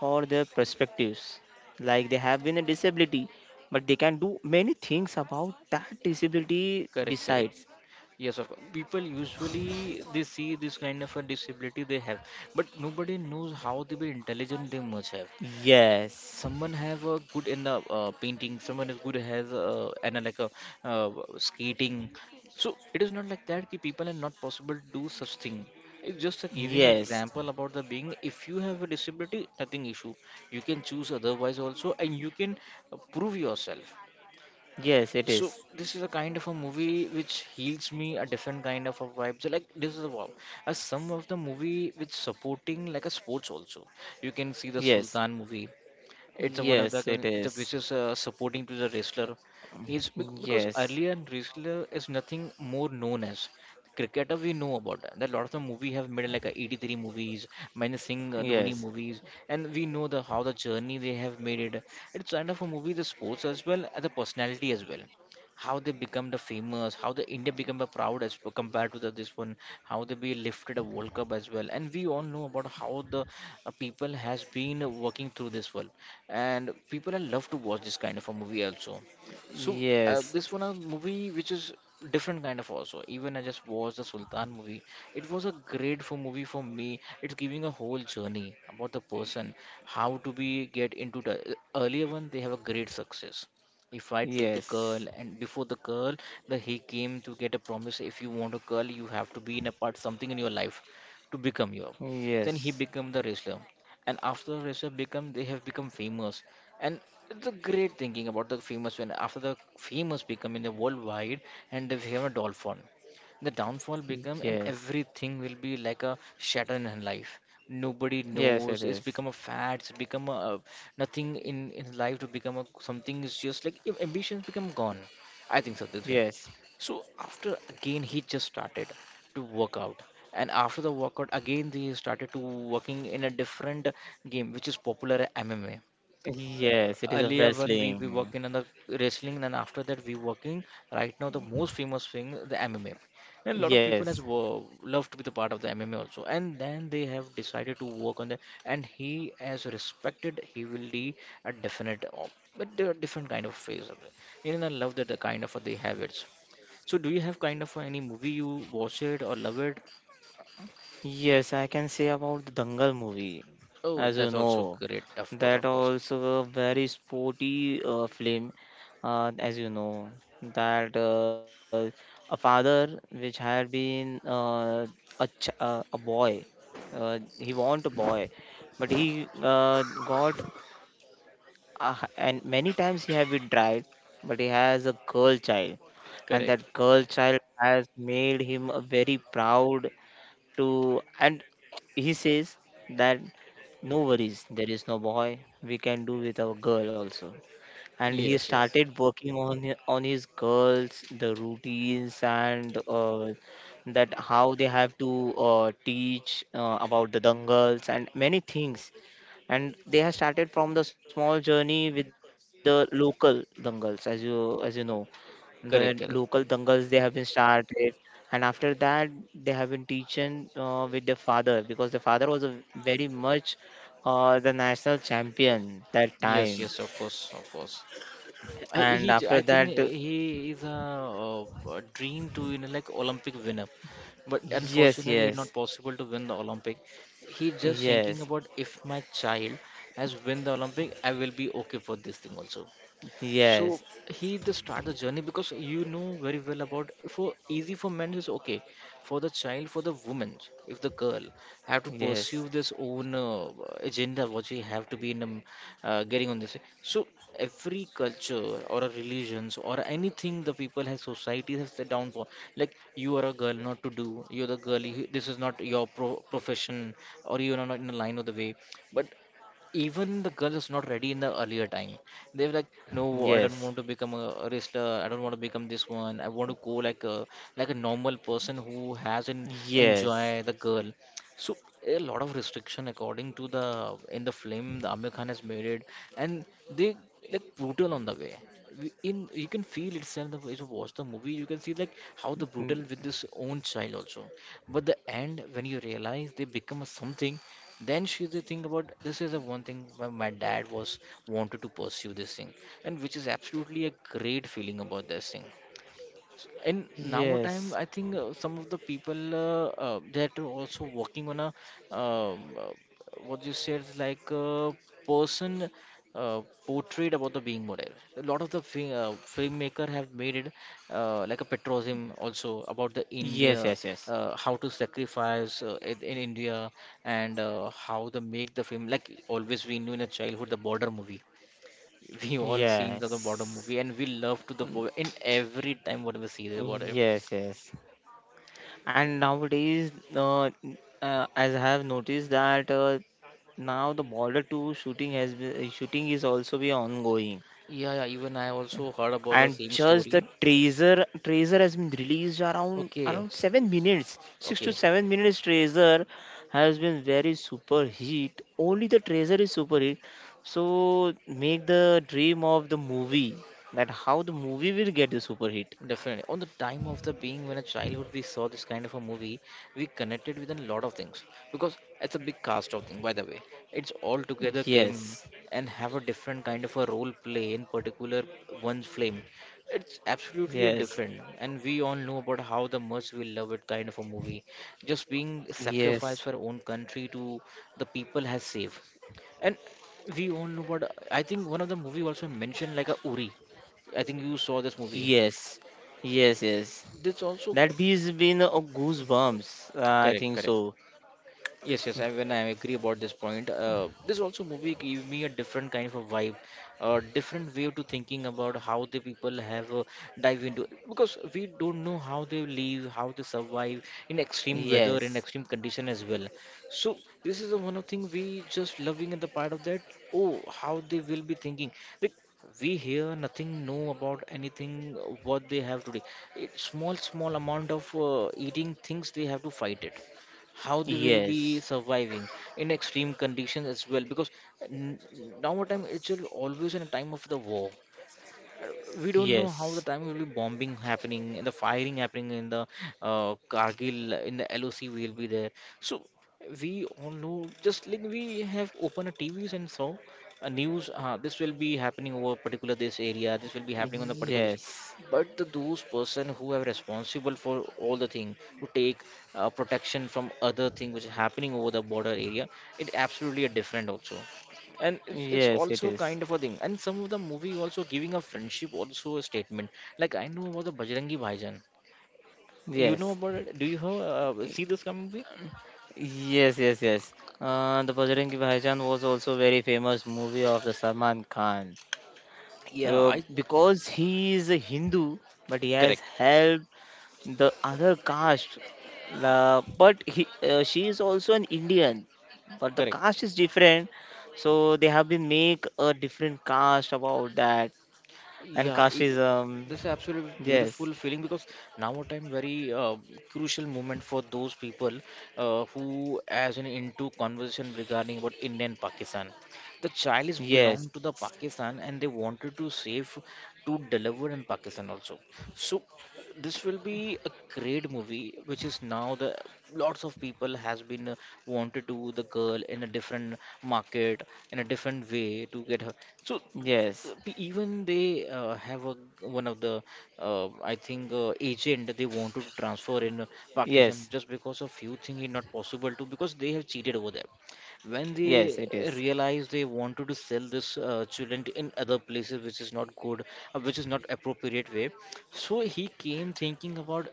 [SPEAKER 2] for their perspectives, like they have been a disability but they can do many things about that disability
[SPEAKER 1] Correct.
[SPEAKER 2] besides.
[SPEAKER 1] Yes, of course. People usually they see this kind of a disability they have, but nobody knows how they will intelligent they must have.
[SPEAKER 2] Yes,
[SPEAKER 1] Someone have a good in the painting, someone is good has and like a uh, skating. So it is not like that ki people are not possible to do such thing. It's just a giving
[SPEAKER 2] yes,
[SPEAKER 1] example about the being. If you have a disability, nothing issue, you can choose otherwise also, and you can prove yourself.
[SPEAKER 2] yes, it
[SPEAKER 1] So
[SPEAKER 2] is.
[SPEAKER 1] this is a kind of a movie which heals me a different kind of a vibe, so like this is a wow. As some of the movie which supporting like a sports also, you can see the
[SPEAKER 2] Yes,
[SPEAKER 1] Sultan movie. It's one of the
[SPEAKER 2] yes, it
[SPEAKER 1] the
[SPEAKER 2] is.
[SPEAKER 1] biggest supporting to the wrestler. Because
[SPEAKER 2] Yes,
[SPEAKER 1] earlier in wrestler is nothing more known as cricketer, we know about that. That lot of the movie have made like 83 movies, many Singh Dhoni
[SPEAKER 2] yes.
[SPEAKER 1] movies, and we know the how the journey they have made it. It's kind of a movie the sports as well as the personality as well, how they become the famous, how the India become the proud as compared to the this one, how they be lifted a World Cup as well, and we all know about how the people has been working through this world, and people are love to watch this kind of a movie also. So
[SPEAKER 2] Yes,
[SPEAKER 1] this one a movie which is different kind of also. Even I just watched the Sultan movie. It was a great for movie for me. It's giving a whole journey about the person how to be get into the earlier one. They have a great success. He fight with the
[SPEAKER 2] yes,
[SPEAKER 1] girl, and before the girl, the he came to get a promise. If you want a girl, you have to be in a part something in your life to become your. Then he
[SPEAKER 2] yes,
[SPEAKER 1] become the wrestler, and after Russia become they have become famous, and it's a great thinking about the famous when after the famous become in the worldwide, and they become a dolphin, the downfall become, and
[SPEAKER 2] yes,
[SPEAKER 1] everything will be like a shatter in her life. Nobody
[SPEAKER 2] yes, it
[SPEAKER 1] knows it's
[SPEAKER 2] is.
[SPEAKER 1] become a fad, it's become a. Nothing in life to become a something is just like if ambitions become gone, I think so this way.
[SPEAKER 2] Yes,
[SPEAKER 1] So after again he just started to work out, and after the workout again he started to working in a different game which is popular MMA. Uh,
[SPEAKER 2] yes, it is a
[SPEAKER 1] earlier when we
[SPEAKER 2] wrestling.
[SPEAKER 1] work in the wrestling, and after that we working right now the most famous thing the MMA. And a lot of people
[SPEAKER 2] Yes,
[SPEAKER 1] has loved to be the part of the MMA also, and then they have decided to work on that. And he as respected, he will be a definite, but there are different kind of phase of it. You know, I love that the kind of they have it. So do you have kind of any movie you watch it or love it?
[SPEAKER 2] yes, I can say about the Dangal movie,
[SPEAKER 1] Oh,
[SPEAKER 2] as you
[SPEAKER 1] that's also
[SPEAKER 2] know,
[SPEAKER 1] great. Of course,
[SPEAKER 2] that
[SPEAKER 1] of course.
[SPEAKER 2] also a very sporty film, as you know, that a father which had been a boy, he want a boy, but he got Ah, and many times he have been tried, but he has a girl child, and
[SPEAKER 1] Correct.
[SPEAKER 2] that girl child has made him a very proud to. And he says that no worries, there is no boy, we can do with our girl also, and he
[SPEAKER 1] Yes, yes.
[SPEAKER 2] started working on on his girls, the routines, and that how they have to teach about the dangals and many things, and they have started from the small journey with the local dangals, as you know. The local
[SPEAKER 1] Correct, correct.
[SPEAKER 2] dangals, they have been started, and after that they have been teaching with their father, because the father was a very much the national champion that
[SPEAKER 1] Yes,
[SPEAKER 2] time.
[SPEAKER 1] yes, of course, of course.
[SPEAKER 2] And after
[SPEAKER 1] I think
[SPEAKER 2] that,
[SPEAKER 1] he is a, uh, a dream to you know like Olympic winner, but
[SPEAKER 2] yes,
[SPEAKER 1] unfortunately, it's
[SPEAKER 2] yes,
[SPEAKER 1] not possible to win the Olympic. He just thinking
[SPEAKER 2] yes,
[SPEAKER 1] about if my child has win the Olympic, I will be okay for this thing also.
[SPEAKER 2] yes,
[SPEAKER 1] So he the start the journey because you know very well about for easy for men is okay, for the child, for the woman, if the girl have to
[SPEAKER 2] yes,
[SPEAKER 1] pursue this own agenda what she have to be in getting on this. So every culture or a religions or anything the people has society has set down for like you are a girl not to do, you're the girl. You, this is not your profession, or you are not in the line of the way. But even the girl is not ready in the earlier time, they are like no, I don't
[SPEAKER 2] yes,
[SPEAKER 1] want to become a wrestler, I don't want to become this one, I want to go like a normal person who hasn't enjoy
[SPEAKER 2] yes,
[SPEAKER 1] the girl. So a lot of restriction according to the in the film the Amir Khan has made it, and they like brutal on the way. We- in You can feel itself the way you watch the movie, you can see like how the
[SPEAKER 2] mm,
[SPEAKER 1] brutal with this own child also. But the end when you realize they become a something, then she the thing about this is the one thing my dad was wanted to pursue this thing, and which is absolutely a great feeling about this thing. In now time
[SPEAKER 2] yes,
[SPEAKER 1] I think some of the people that are also working on a um, uh, what you said like a person uh, portrayed about the being model. A lot of the filmmaker have made it like a patriotism also about the India,
[SPEAKER 2] yes, yes, yes,
[SPEAKER 1] how to sacrifice in India, and how to make the film like always we knew in a childhood the border movie we all scenes of the border
[SPEAKER 2] yes,
[SPEAKER 1] movie, and we love to the po- in every time whatever we see the border.
[SPEAKER 2] yes, yes. And nowadays, uh, n- as I have noticed that now the border to shooting has been, shooting is also be ongoing,
[SPEAKER 1] Yeah, yeah, even I also heard about the
[SPEAKER 2] and
[SPEAKER 1] same
[SPEAKER 2] just the
[SPEAKER 1] story.
[SPEAKER 2] tracer has been released around
[SPEAKER 1] Okay,
[SPEAKER 2] around 7 minutes, 6 to
[SPEAKER 1] okay,
[SPEAKER 2] 7 minutes tracer has been very super hit. Only the tracer is super hit, so make the dream of the movie, that how the movie will get the super hit.
[SPEAKER 1] definitely. On the time of the being when a childhood we saw this kind of a movie, we connected with a lot of things because it's a big cast of thing. By the way, it's all together came
[SPEAKER 2] Yes,
[SPEAKER 1] and have a different kind of a role play in particular one's flame. It's absolutely a
[SPEAKER 2] yes,
[SPEAKER 1] different, and we all know about how the much we love it kind of a movie. Just being sacrificed
[SPEAKER 2] yes,
[SPEAKER 1] for our own country to the people has saved. And we all know but I think one of the movie also mentioned like a Uri. I think you saw this movie.
[SPEAKER 2] yes, yes, yes.
[SPEAKER 1] This also
[SPEAKER 2] That bee's been a goosebumps, I
[SPEAKER 1] correct,
[SPEAKER 2] think
[SPEAKER 1] correct.
[SPEAKER 2] so.
[SPEAKER 1] Yes, yes, I, when I agree about this point, this also movie gave me a different kind of a vibe, a different way to thinking about how the people have dive into because we don't know how they live, how they survive in extreme weather, in
[SPEAKER 2] Yes,
[SPEAKER 1] extreme condition as well. So this is the one of thing we just loving at the part of that. Oh, how they will be thinking. Like we hear nothing know about anything what they have today. It, small amount of eating things they have to fight it. How they will be
[SPEAKER 2] yes,
[SPEAKER 1] surviving in extreme conditions as well because n- now what time it's always in a time of the war. We don't know how the
[SPEAKER 2] yes,
[SPEAKER 1] time will be bombing happening and the firing happening in the Kargil in the LOC will be there. So we all know, just like we have opened a TVs and saw a news. This will be happening over particular this area, this will be happening on the particular this,
[SPEAKER 2] yes,
[SPEAKER 1] but those person who are responsible for all the thing to take protection from other thing which is happening over the border area, it absolutely a different also, and it's
[SPEAKER 2] yes, it
[SPEAKER 1] also
[SPEAKER 2] is.
[SPEAKER 1] kind of a thing, and some of the movie also giving a friendship also a statement, like I know about the Bajrangi Bhaijaan. You know
[SPEAKER 2] Yes,
[SPEAKER 1] about it, do you have, see this movie?
[SPEAKER 2] yes, yes, yes. The Bajrangi Bhaijaan was also very famous movie of the Salman Khan.
[SPEAKER 1] Yeah, I
[SPEAKER 2] Because he is a Hindu, but he has
[SPEAKER 1] correct,
[SPEAKER 2] helped the other caste. But he, she is also an Indian, but the
[SPEAKER 1] correct.
[SPEAKER 2] caste is different. So they have been make a different caste about that and
[SPEAKER 1] yeah i-
[SPEAKER 2] casteism.
[SPEAKER 1] this is absolutely
[SPEAKER 2] Yes,
[SPEAKER 1] beautiful feeling because now a time very crucial moment for those people, who as an into conversation regarding about India and Pakistan. The child is belong to
[SPEAKER 2] yes,
[SPEAKER 1] the Pakistan and they wanted to save, to deliver in Pakistan also. So this will be a great movie, which is now the lots of people has been wanted to the girl in a different market, in a different way to get her. So
[SPEAKER 2] yes,
[SPEAKER 1] even they have a one of the I think agent, they wanted to transfer in Pakistan,
[SPEAKER 2] yes.
[SPEAKER 1] just because of few thing is not possible to because they have cheated over there. When they
[SPEAKER 2] Yes, it is.
[SPEAKER 1] realized, they wanted to sell this children in other places, which is not good, which is not appropriate way. So he came thinking about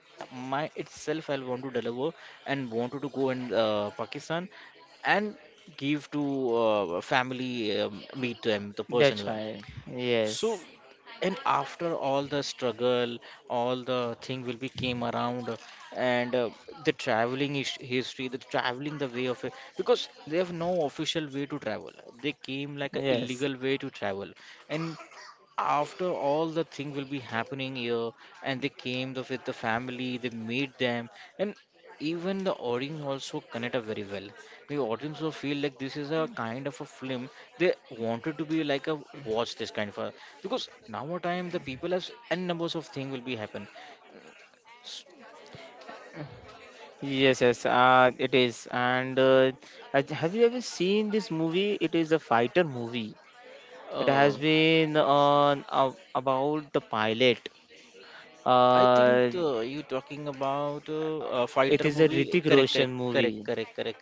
[SPEAKER 1] my itself. I want to deliver and wanted to go in Pakistan and give to family, meet them the
[SPEAKER 2] The
[SPEAKER 1] person.
[SPEAKER 2] child.
[SPEAKER 1] So,
[SPEAKER 2] Yes.
[SPEAKER 1] and after all the struggle, all the thing will be came around, and the traveling is history, the traveling the way of it, because they have no official way to travel. They came like a
[SPEAKER 2] Yes.
[SPEAKER 1] illegal way to travel, and after all the thing will be happening here, and they came the, with the family, they made them, and even the audience also connect up very well. The audience will feel like this is a kind of a film they wanted to be like a watch this kind of a, because now a time the people has n numbers of thing will be happen. S-
[SPEAKER 2] Yes, yes, it is. And have you ever seen this movie? It is a fighter movie. It has
[SPEAKER 1] uh,
[SPEAKER 2] been on about the pilot.
[SPEAKER 1] I think
[SPEAKER 2] Uh,
[SPEAKER 1] you talking about a
[SPEAKER 2] it
[SPEAKER 1] fighter
[SPEAKER 2] is a
[SPEAKER 1] movie,
[SPEAKER 2] Hrithik
[SPEAKER 1] correct,
[SPEAKER 2] Roshan
[SPEAKER 1] correct, correct,
[SPEAKER 2] movie.
[SPEAKER 1] correct, correct.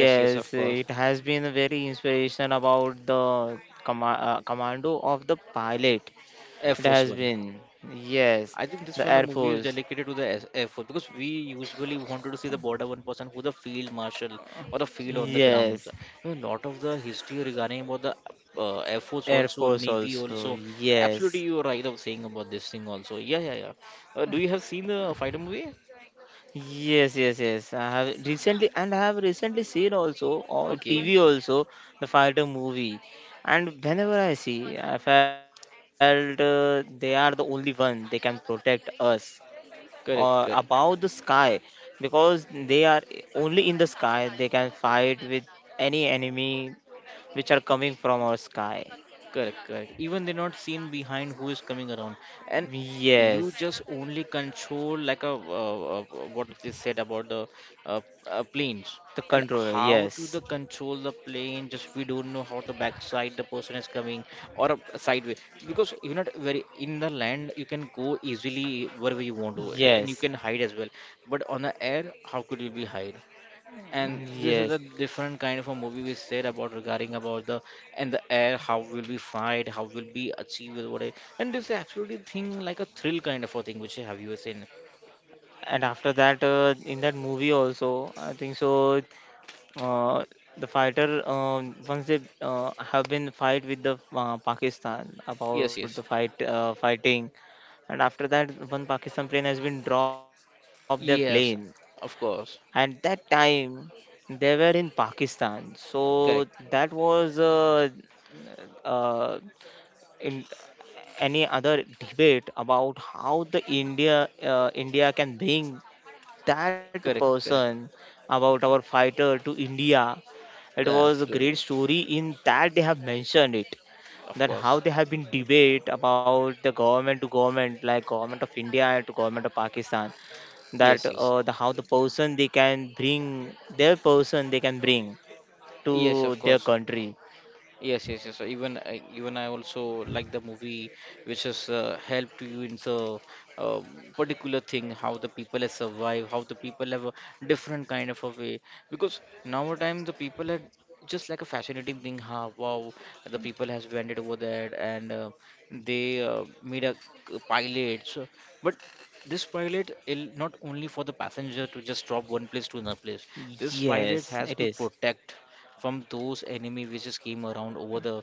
[SPEAKER 1] Yes, yes, of course,
[SPEAKER 2] it has been a very inspiration about the commando of the pilot.
[SPEAKER 1] Air
[SPEAKER 2] It
[SPEAKER 1] Force
[SPEAKER 2] has
[SPEAKER 1] One.
[SPEAKER 2] been. Yes,
[SPEAKER 1] I think this
[SPEAKER 2] the
[SPEAKER 1] one the
[SPEAKER 2] Air
[SPEAKER 1] movie is
[SPEAKER 2] Force.
[SPEAKER 1] dedicated to the Air Force, because we usually wanted to see the border one person who the field marshal or the field on the ground.
[SPEAKER 2] Yes,
[SPEAKER 1] You know, lot of the history regarding about the Air Force
[SPEAKER 2] Air
[SPEAKER 1] also,
[SPEAKER 2] Force
[SPEAKER 1] Navy
[SPEAKER 2] also.
[SPEAKER 1] also.
[SPEAKER 2] Yes.
[SPEAKER 1] Absolutely, you are right of saying about this thing also. Yeah, yeah, yeah. Do you have seen the fighter movie?
[SPEAKER 2] Yes, yes, yes. I have recently, and I have recently seen also on
[SPEAKER 1] Okay,
[SPEAKER 2] TV also the fighter movie. And whenever I see, I felt they are the only one they can protect us, or
[SPEAKER 1] correct,
[SPEAKER 2] about the
[SPEAKER 1] correct.
[SPEAKER 2] sky, because they are only in the sky they can fight with any enemy which are coming from our sky.
[SPEAKER 1] Correct, correct. Even they're not seen behind who is coming around, and you
[SPEAKER 2] Yes,
[SPEAKER 1] just only control like a what they said about the uh, planes
[SPEAKER 2] the
[SPEAKER 1] and
[SPEAKER 2] controller.
[SPEAKER 1] how to the
[SPEAKER 2] Yes,
[SPEAKER 1] control the plane. Just we don't know how the backside the person is coming, or a sideway, because you're not very in the land. You can go easily wherever you want to, and you
[SPEAKER 2] yes,
[SPEAKER 1] can hide as well. But on the air, how could you be hide? And this is a
[SPEAKER 2] yes.
[SPEAKER 1] different kind of a movie we said about regarding about the, and the air how will we fight, how will we achieve with what I, and this absolutely thing like a thrill kind of a thing which have you seen.
[SPEAKER 2] And after that, in that movie also, I think so. uh, the fighter, once they have been fight with the Pakistan
[SPEAKER 1] Yes,
[SPEAKER 2] about the
[SPEAKER 1] yes,
[SPEAKER 2] fighting, and after that one Pakistan plane has been dropped their plane,
[SPEAKER 1] yes, of
[SPEAKER 2] and
[SPEAKER 1] course.
[SPEAKER 2] that time they were in Pakistan, so
[SPEAKER 1] Correct,
[SPEAKER 2] that was uh, in any other debate about how the India can bring that
[SPEAKER 1] correct,
[SPEAKER 2] person,
[SPEAKER 1] correct.
[SPEAKER 2] about our fighter to India. It
[SPEAKER 1] Yeah,
[SPEAKER 2] was a great
[SPEAKER 1] absolutely.
[SPEAKER 2] story in that they have mentioned it, that
[SPEAKER 1] Of
[SPEAKER 2] how
[SPEAKER 1] course.
[SPEAKER 2] they have been debate about the government to government, like government of India to government of Pakistan, that
[SPEAKER 1] Yes, yes,
[SPEAKER 2] the how the person they can bring, their person they can bring to
[SPEAKER 1] yes, of
[SPEAKER 2] their
[SPEAKER 1] course.
[SPEAKER 2] country.
[SPEAKER 1] Yes, yes, yes. Even even I also like the movie, which has helped you in the uh, particular thing, how the people have survived, how the people have a different kind of a way. Because nowadays the people are just like a fascinating thing. How, wow, the people has went over there and they made a c- pilot. So, but this pilot is not only for the passenger to just drop one place to another place. This pilot
[SPEAKER 2] Yes,
[SPEAKER 1] has
[SPEAKER 2] it
[SPEAKER 1] to
[SPEAKER 2] is.
[SPEAKER 1] protect from those enemy which just came around over the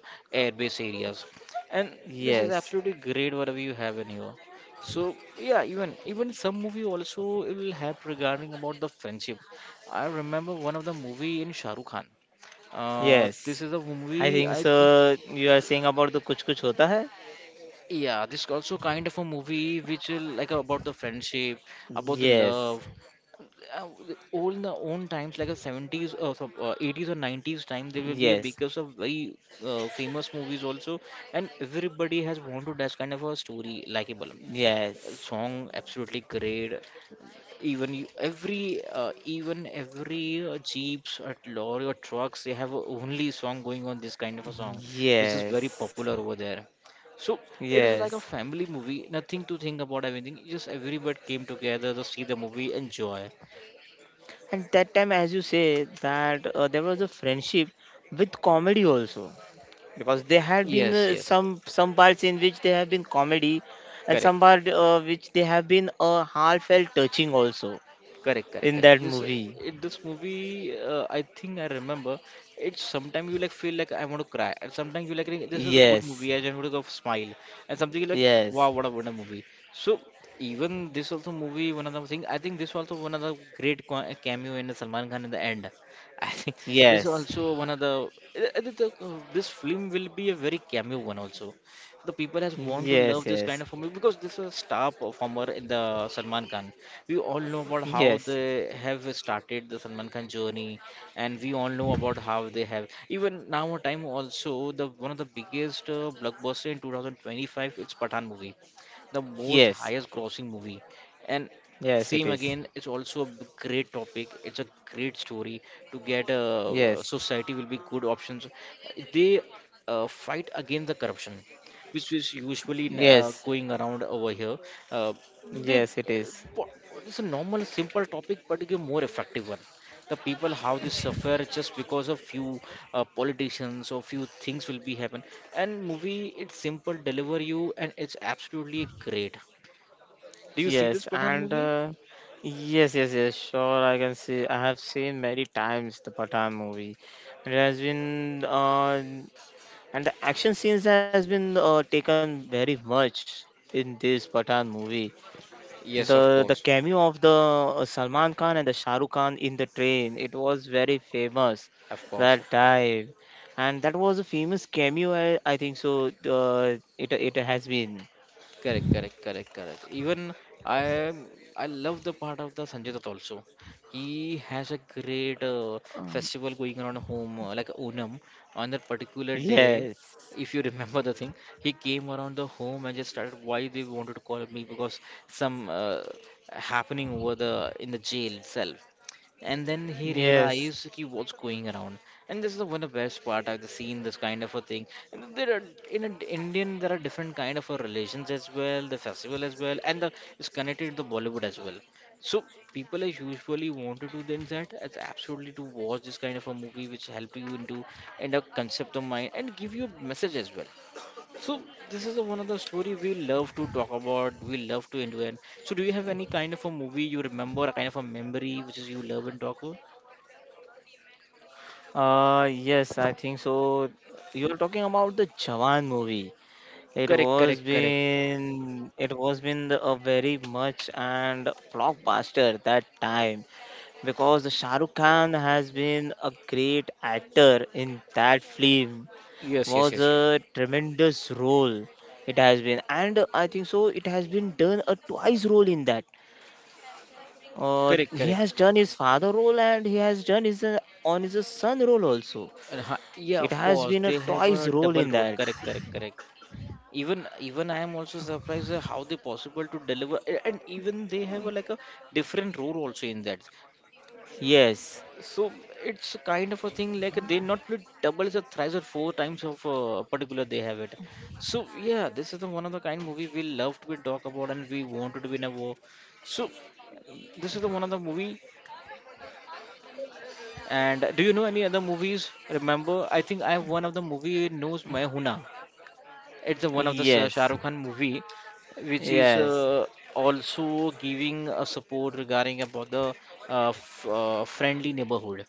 [SPEAKER 1] airbase areas, and this is
[SPEAKER 2] Yes,
[SPEAKER 1] absolutely great whatever you have in here. So yeah, even some movie also it will help regarding about the friendship. I remember one of the movie in Shahrukh Khan, this
[SPEAKER 2] yes.
[SPEAKER 1] is a
[SPEAKER 2] I
[SPEAKER 1] movie
[SPEAKER 2] think
[SPEAKER 1] I think.
[SPEAKER 2] so. You are saying about the Kuch Kuch Hota Hai.
[SPEAKER 1] Yeah, this also kind of a movie which will like about the friendship, about the
[SPEAKER 2] Yes,
[SPEAKER 1] love. uh, all the own times like a 70s or 80s or 90s time there will be a
[SPEAKER 2] yes.
[SPEAKER 1] because of very famous movies also, and everybody has wanted that kind of a story likable.
[SPEAKER 2] Yes,
[SPEAKER 1] Song, absolutely great. Even every even every jeeps or lorry or trucks, they have a only song going on, this kind of a song, which is very
[SPEAKER 2] yes,
[SPEAKER 1] popular over there. So it is like a
[SPEAKER 2] yes.
[SPEAKER 1] family movie, nothing to think about anything. Just everybody came together to see the movie, enjoy.
[SPEAKER 2] And that time, as you say, that there was a friendship with comedy also, because there had been
[SPEAKER 1] Yes, yes,
[SPEAKER 2] some parts in which there have been comedy, and some
[SPEAKER 1] correct.
[SPEAKER 2] part which they have been heartfelt touching also
[SPEAKER 1] Correct, correct,
[SPEAKER 2] in
[SPEAKER 1] correct.
[SPEAKER 2] that
[SPEAKER 1] This
[SPEAKER 2] movie.
[SPEAKER 1] it, this movie, I think I remember. It's sometimes you like feel like I want to cry, and sometimes you like "Hey, this is a good
[SPEAKER 2] Yes,
[SPEAKER 1] movie. I just want to go smile, and something you like
[SPEAKER 2] yes,
[SPEAKER 1] wow, what a wonderful movie." So even this also movie, one of the thing I think this also one of the great cameo in Salman Khan in the end. I think this
[SPEAKER 2] yes,
[SPEAKER 1] also one of the this film will be a very cameo one also. The people has want to
[SPEAKER 2] yes,
[SPEAKER 1] love this
[SPEAKER 2] yes,
[SPEAKER 1] kind of movie because this is a star performer in the Salman Khan. We all know about how
[SPEAKER 2] yes,
[SPEAKER 1] they have started the Salman Khan journey, and we all know about how they have even now a time also, the one of the biggest blockbuster in 2025, it's Pathan movie, the most
[SPEAKER 2] yes,
[SPEAKER 1] highest grossing movie, and
[SPEAKER 2] yes. It
[SPEAKER 1] same
[SPEAKER 2] is.
[SPEAKER 1] again it's also a great topic, it's a great story to get
[SPEAKER 2] Yes,
[SPEAKER 1] society will be good options. They fight against the corruption, which is usually
[SPEAKER 2] yes,
[SPEAKER 1] going around over here. Uh, they,
[SPEAKER 2] yes. It is.
[SPEAKER 1] po- it's a normal, simple topic, but it's a more effective one. The people how they suffer just because of few politicians or few things will be happen. And movie, it's simple, deliver you, and it's absolutely great. Do you see this
[SPEAKER 2] Yes,
[SPEAKER 1] Pathan
[SPEAKER 2] and
[SPEAKER 1] movie?
[SPEAKER 2] yes, yes, yes, sure. I can see. I have seen many times the Pathan movie. It has been, and the action scenes has been taken very much in this Pathan movie.
[SPEAKER 1] Yes,
[SPEAKER 2] The
[SPEAKER 1] of
[SPEAKER 2] the
[SPEAKER 1] course,
[SPEAKER 2] cameo of the Salman Khan and the Shah Rukh Khan in the train, it was very famous
[SPEAKER 1] of course,
[SPEAKER 2] that
[SPEAKER 1] of course.
[SPEAKER 2] time, and that was a famous cameo. I think so. It has been.
[SPEAKER 1] Correct, correct, correct, correct. Even I I love the part of the Sanjay Dutt also. He has a great
[SPEAKER 2] Uh,
[SPEAKER 1] festival going on home, like Onam. On that particular day,
[SPEAKER 2] Yes,
[SPEAKER 1] if you remember the thing, he came around the home and just started why they wanted to call me because some happening over the in the jail itself, and then he
[SPEAKER 2] yes.
[SPEAKER 1] realized he was going around, and this is the one of the best part I've seen, this kind of a thing. And there are in a, Indian there are different kind of a relations as well, the festival as well, and the it's connected to the Bollywood as well. So people are usually wanted to then that it's absolutely to watch this kind of a movie which help you into and a concept of mind and give you a message as well. So this is the one of the story we love to talk about, we love to enjoy. So do you have any kind of a movie you remember, a kind of a memory which is you love and talk about?
[SPEAKER 2] Yes, I think so. You're talking about the Jawan movie. It
[SPEAKER 1] Correct,
[SPEAKER 2] was
[SPEAKER 1] correct, correct.
[SPEAKER 2] been it was been the, a very much and blockbuster that time, because the Shah Rukh Khan has been a great actor in that film.
[SPEAKER 1] Yes, yes,
[SPEAKER 2] Was
[SPEAKER 1] yes, yes.
[SPEAKER 2] a tremendous role it has been, and I think so. It has been done a twice role in that.
[SPEAKER 1] Correct,
[SPEAKER 2] He
[SPEAKER 1] correct.
[SPEAKER 2] has done his father role, and he has done his on his son role also.
[SPEAKER 1] And yeah,
[SPEAKER 2] It
[SPEAKER 1] of
[SPEAKER 2] has
[SPEAKER 1] course,
[SPEAKER 2] been a
[SPEAKER 1] they have
[SPEAKER 2] toy's
[SPEAKER 1] a
[SPEAKER 2] role
[SPEAKER 1] double
[SPEAKER 2] in
[SPEAKER 1] role.
[SPEAKER 2] that.
[SPEAKER 1] Correct, correct, correct. Even I am also surprised at how they possible to deliver, and even they have a, like a different role also in that.
[SPEAKER 2] Yes,
[SPEAKER 1] So it's kind of a thing like they not play doubles or thrice or four times of particular they have it. So yeah, this is the one of the kind movie we love to be talk about, and we wanted to be in a war. So this is the one of the movie. And do you know any other movies? Remember, I think I have one of the movie knows my Huna. It's the one of the Shah
[SPEAKER 2] yes,
[SPEAKER 1] Rukh Khan movie, which is
[SPEAKER 2] yes,
[SPEAKER 1] also giving a support regarding about the f friendly neighborhood.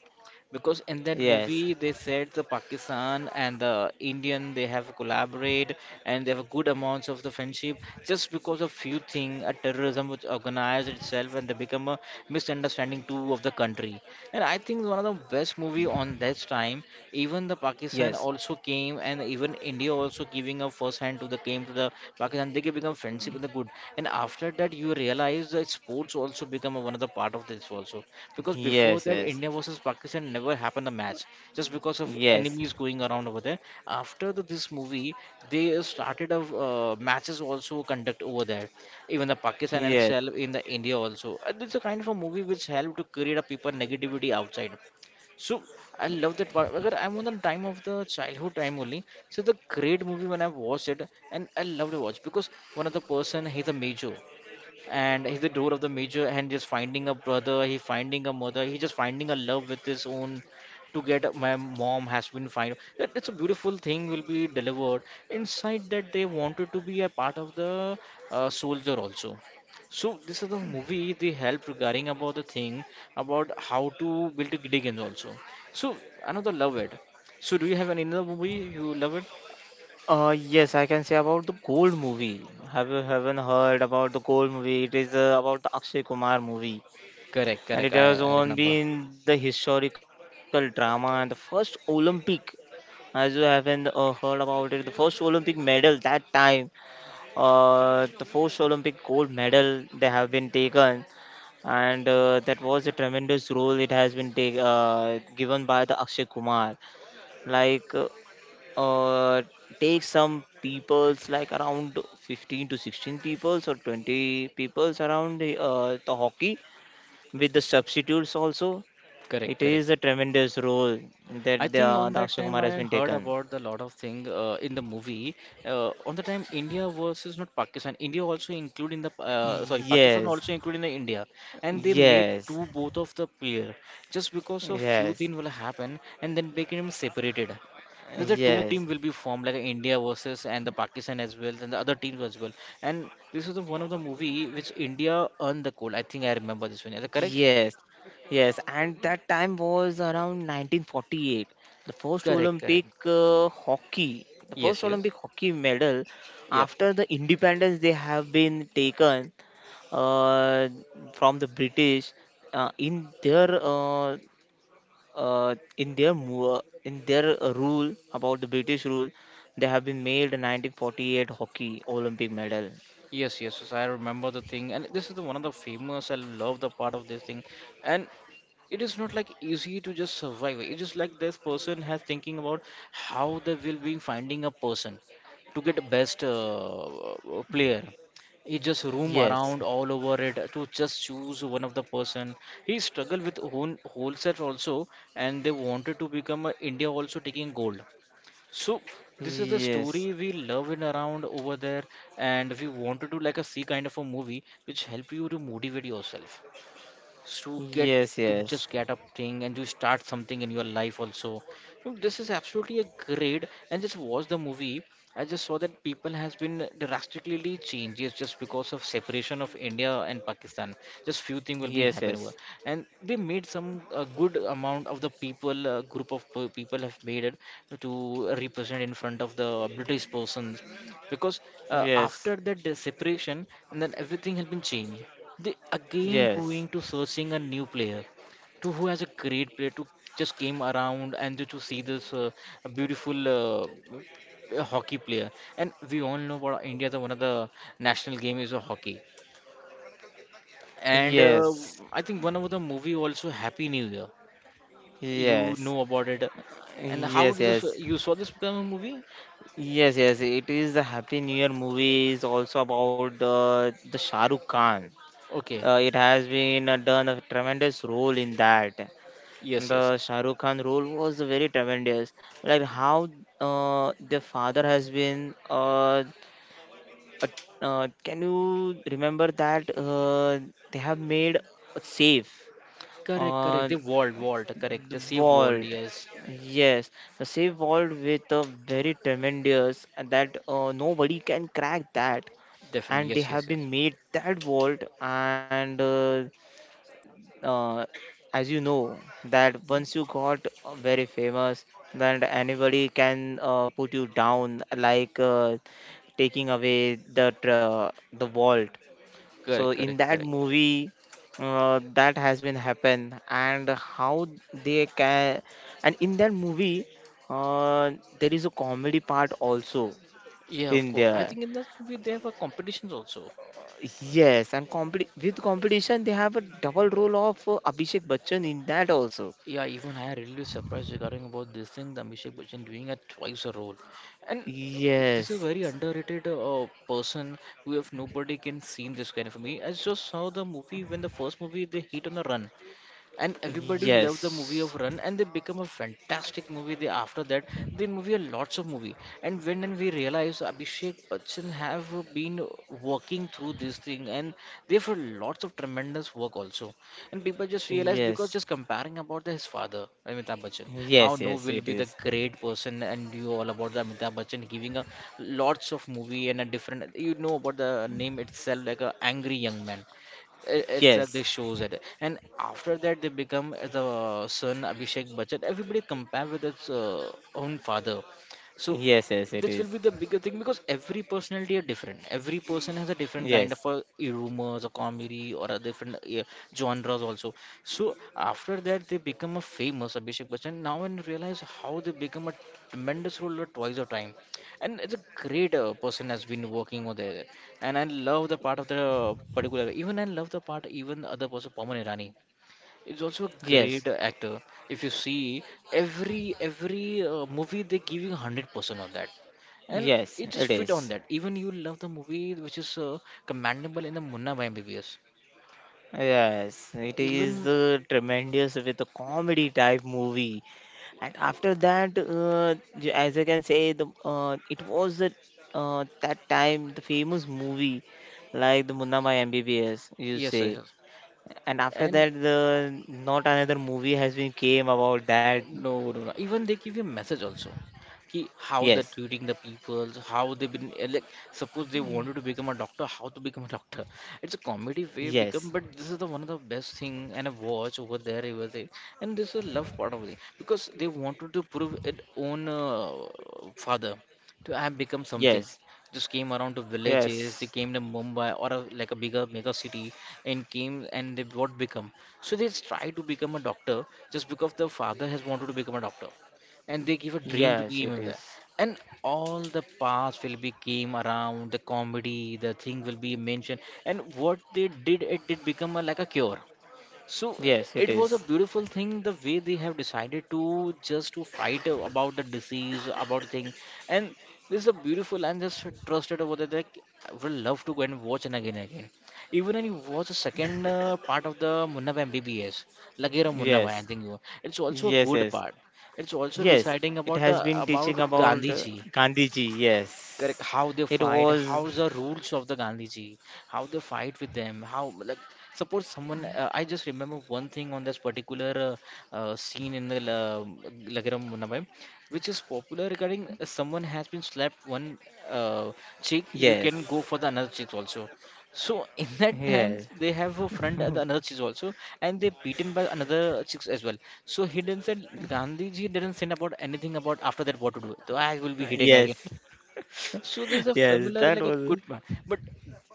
[SPEAKER 1] Because in that
[SPEAKER 2] yes,
[SPEAKER 1] movie, they said the Pakistan and the Indian they have collaborate and they have a good amounts of the friendship just because of few thing a terrorism which organized itself and they become a misunderstanding too of the country. And I think one of the best movie on that time, even the Pakistan
[SPEAKER 2] yes,
[SPEAKER 1] also came and even India also giving a first hand to the game to the Pakistan, they can become friendship with the good. And after that, you realize that sports also become one of the part of this also. Because before
[SPEAKER 2] yes,
[SPEAKER 1] that,
[SPEAKER 2] yes,
[SPEAKER 1] India versus Pakistan never happened a match just because of
[SPEAKER 2] yes,
[SPEAKER 1] enemies going around over there. After this movie, they started of matches also conduct over there, even the Pakistan
[SPEAKER 2] yes.
[SPEAKER 1] itself in the India also. It's a kind of a movie which helped to create a people negativity outside, so I love that part. Agar I'm on the time of the childhood time only. So the great movie when I watched it and I loved to watch because one of the person he's a major and he's the door of the major and just finding a brother he finding a mother he just finding a love with his own to get my mom has been fine that it's a beautiful thing will be delivered inside that they wanted to be a part of the soldier also, so this is the movie they help regarding about the thing about how to build a GD games also, so another love it. So do you have another movie you love it?
[SPEAKER 2] Yes, I can say about the Gold movie. Have you haven't heard about the Gold movie? It is about the Akshay Kumar movie,
[SPEAKER 1] Correct,
[SPEAKER 2] and
[SPEAKER 1] correct.
[SPEAKER 2] it
[SPEAKER 1] i,
[SPEAKER 2] has
[SPEAKER 1] I
[SPEAKER 2] on
[SPEAKER 1] remember.
[SPEAKER 2] been the historical drama, and the first Olympic. As you haven't heard about it, the first Olympic medal that time, the first Olympic gold medal they have been taken, and that was a tremendous role it has been given by the Akshay Kumar, like uh, take some peoples like around 15 to 16 peoples or 20 peoples around the hockey with the substitutes also.
[SPEAKER 1] Correct,
[SPEAKER 2] It is a
[SPEAKER 1] correct.
[SPEAKER 2] tremendous role that
[SPEAKER 1] I
[SPEAKER 2] the,
[SPEAKER 1] think on
[SPEAKER 2] the
[SPEAKER 1] that
[SPEAKER 2] Akshay
[SPEAKER 1] time
[SPEAKER 2] Kumar has
[SPEAKER 1] I
[SPEAKER 2] been
[SPEAKER 1] heard
[SPEAKER 2] taken.
[SPEAKER 1] about the lot of thing in the movie. On the time India versus not Pakistan. India also include in the sorry Pakistan
[SPEAKER 2] Yes,
[SPEAKER 1] also include in the India, and they made
[SPEAKER 2] yes,
[SPEAKER 1] two both of the player just because of few
[SPEAKER 2] yes,
[SPEAKER 1] things will happen and then became separated. There's a two
[SPEAKER 2] yes.
[SPEAKER 1] team will be formed like India versus and the Pakistan as well and the other teams as well. And this is the one of the movie which India earned the gold. I think I remember this one. Is it correct?
[SPEAKER 2] Yes, yes, and that time was around 1948. The first
[SPEAKER 1] Correct, correct.
[SPEAKER 2] Olympic hockey, the
[SPEAKER 1] Yes,
[SPEAKER 2] first
[SPEAKER 1] yes.
[SPEAKER 2] Olympic hockey medal
[SPEAKER 1] Yep.
[SPEAKER 2] after the independence they have been taken uh, from the British uh, in their uh, in their rule about the British rule, they have been made a 1948 hockey Olympic medal.
[SPEAKER 1] Yes, yes, yes, I remember the thing, and this is the one of the famous. I love the part of this thing, and it is not like easy to just survive. It's just like this person has thinking about how they will be finding a person to get best player. He just roam
[SPEAKER 2] Yes,
[SPEAKER 1] around all over it to just choose one of the person. He struggled with own whole set also, and they wanted to become a India also taking gold. So this is the
[SPEAKER 2] yes,
[SPEAKER 1] story we love and around over there, and we wanted to like a see kind of a movie which help you to motivate yourself to get
[SPEAKER 2] yes,
[SPEAKER 1] to
[SPEAKER 2] yes,
[SPEAKER 1] just get up thing and to start something in your life also, so this is absolutely a great and just watch the movie. I just saw that people has been drastically changes just because of separation of India and Pakistan, just few things will be
[SPEAKER 2] yes,
[SPEAKER 1] happen over,
[SPEAKER 2] yes.
[SPEAKER 1] and they made some a good amount of the people group of people have made it to represent in front of the British persons because
[SPEAKER 2] Yes,
[SPEAKER 1] after that the separation and then everything has been changed, they again
[SPEAKER 2] yes,
[SPEAKER 1] going to searching a new player to who has a great player to just came around and to see this beautiful hockey player. And we all know about India, the one of the national game is a hockey. And
[SPEAKER 2] yes,
[SPEAKER 1] I think one of the movie also Happy New Year. You
[SPEAKER 2] yes,
[SPEAKER 1] know about it. And how
[SPEAKER 2] yes,
[SPEAKER 1] did this,
[SPEAKER 2] yes,
[SPEAKER 1] you saw this become a movie?
[SPEAKER 2] yes, yes. It is the Happy New Year movie is also about the Shah Rukh Khan.
[SPEAKER 1] Okay.
[SPEAKER 2] It has been done a tremendous role in that.
[SPEAKER 1] Yes, yes.
[SPEAKER 2] The Shah Rukh Khan role was very tremendous. Like how, the father has been. Uh, can you remember that they have made safe?
[SPEAKER 1] Correct, correct.
[SPEAKER 2] Uh,
[SPEAKER 1] They Walt. Walt. Correct.
[SPEAKER 2] The
[SPEAKER 1] They save Walt.
[SPEAKER 2] vault,
[SPEAKER 1] Yes.
[SPEAKER 2] yes, the save vault with a very tremendous, and that nobody can crack that,
[SPEAKER 1] Definitely.
[SPEAKER 2] and they
[SPEAKER 1] Yes, yes,
[SPEAKER 2] have
[SPEAKER 1] yes.
[SPEAKER 2] been made that vault. And uh, as you know, that
[SPEAKER 1] Mm.
[SPEAKER 2] once you got very famous, then anybody can put you down, like taking away the vault. So
[SPEAKER 1] Correct,
[SPEAKER 2] in
[SPEAKER 1] correct,
[SPEAKER 2] that
[SPEAKER 1] correct.
[SPEAKER 2] movie, that has been happened, and how they can, and in that movie, uh, there is a comedy part also
[SPEAKER 1] Yeah, of
[SPEAKER 2] in
[SPEAKER 1] course. I
[SPEAKER 2] there.
[SPEAKER 1] think in that movie there were competitions also.
[SPEAKER 2] Yes, and competi with competition, they have a double role of Abhishek Bachchan in that also.
[SPEAKER 1] Yeah, even I really surprised regarding about this thing, the Abhishek Bachchan doing a twice a role, and this is
[SPEAKER 2] Yes,
[SPEAKER 1] very underrated person who if nobody can see this kind of movie. I just saw the movie when the first movie they hit on a run, and everybody loved the movie
[SPEAKER 2] yes,
[SPEAKER 1] of Run and they become a fantastic movie they, after that they movie a lots of movie, and when and we realize Abhishek Bachchan have been working through this thing and they've had lots of tremendous work also, and people just realize because
[SPEAKER 2] yes,
[SPEAKER 1] just comparing about his father Amitabh Bachchan how
[SPEAKER 2] yes,
[SPEAKER 1] no
[SPEAKER 2] yes,
[SPEAKER 1] will
[SPEAKER 2] it
[SPEAKER 1] be the
[SPEAKER 2] is.
[SPEAKER 1] great person and you all about the Amitabh Bachchan giving a lots of movie and a different you know about the name itself like a angry young man, it's that they
[SPEAKER 2] Yes,
[SPEAKER 1] shows it, and after that they become the son Abhishek Bachchan everybody compare with its own father, so
[SPEAKER 2] yes, yes, it
[SPEAKER 1] this will
[SPEAKER 2] is.
[SPEAKER 1] be the bigger thing because every personality are different every person has a different
[SPEAKER 2] Yes,
[SPEAKER 1] kind of rumors or comedy or a different genres also, so after that they become a famous Abhishek Bachchan now and realize how they become a tremendous role twice of time, and it's a great person has been working over there, and I love the part of the particular. Even I love the part. Even other person, Pawan Irani, is also a
[SPEAKER 2] yes,
[SPEAKER 1] great actor. If you see every movie, they give you 100% on that, and
[SPEAKER 2] yes,
[SPEAKER 1] it
[SPEAKER 2] it
[SPEAKER 1] just fit
[SPEAKER 2] is.
[SPEAKER 1] on that. Even you love the movie, which is commendable in the Munna by MBBS.
[SPEAKER 2] Yes, it is
[SPEAKER 1] Even
[SPEAKER 2] tremendous with a comedy type movie, and after that, as I can say, the it was that that time the famous movie like the Munna Mai MBBS, you
[SPEAKER 1] yes, yes,
[SPEAKER 2] say,
[SPEAKER 1] yes.
[SPEAKER 2] and after
[SPEAKER 1] And
[SPEAKER 2] that, the not another movie has been came about that.
[SPEAKER 1] no, no, no. Even they give you a message also. Ki how
[SPEAKER 2] Yes,
[SPEAKER 1] they're treating the people, how they've been like suppose they wanted to become a doctor, how to become a doctor. It's a comedy way
[SPEAKER 2] yes,
[SPEAKER 1] become, but this is the one of the best thing and I watch over there it was it, and this is love part of it because they wanted to prove it own father to have become something
[SPEAKER 2] yes,
[SPEAKER 1] just came around to villages
[SPEAKER 2] yes,
[SPEAKER 1] they came to Mumbai or a, like a bigger mega city and came and they what become, so they try to become a doctor just because their father has wanted to become a doctor and they give a dream to
[SPEAKER 2] yes,
[SPEAKER 1] game
[SPEAKER 2] it
[SPEAKER 1] him
[SPEAKER 2] is.
[SPEAKER 1] there, and all the parts will be came around the comedy the thing will be mentioned and what they did it did become a, like a cure, so
[SPEAKER 2] Yes, it
[SPEAKER 1] it was a
[SPEAKER 2] is.
[SPEAKER 1] beautiful thing the way they have decided to just to fight about the disease, about thing, and this is a beautiful and just trusted over there. Like I would love to go and watch and again and again. Even when you watch the second part of the Munna Bhai MBBS, Lagera Munna Bhai, I
[SPEAKER 2] Yes,
[SPEAKER 1] think you. It's also a
[SPEAKER 2] yes,
[SPEAKER 1] good
[SPEAKER 2] yes.
[SPEAKER 1] part. It's also
[SPEAKER 2] Yes,
[SPEAKER 1] deciding
[SPEAKER 2] it
[SPEAKER 1] about the
[SPEAKER 2] has been teaching
[SPEAKER 1] about
[SPEAKER 2] about
[SPEAKER 1] Gandhi ji,
[SPEAKER 2] Gandhiji.
[SPEAKER 1] correct
[SPEAKER 2] Yes,
[SPEAKER 1] how they
[SPEAKER 2] it
[SPEAKER 1] fight. How
[SPEAKER 2] was.
[SPEAKER 1] the rules of the Gandhiji, how they fight with them how like suppose someone I just remember one thing on this particular scene in the lagaram Munnabai, which is popular regarding someone has been slapped one uh, cheek you
[SPEAKER 2] Yes,
[SPEAKER 1] can go for the another cheek also, so in that time
[SPEAKER 2] yes,
[SPEAKER 1] they have a friend at the another cheek also and they beaten by another chicks as well, so he didn't said Gandhiji didn't say about anything about after that what to do so I will be hitting again,
[SPEAKER 2] yes,
[SPEAKER 1] so there's a
[SPEAKER 2] yes.
[SPEAKER 1] familiar
[SPEAKER 2] That
[SPEAKER 1] like a good
[SPEAKER 2] was.
[SPEAKER 1] man, but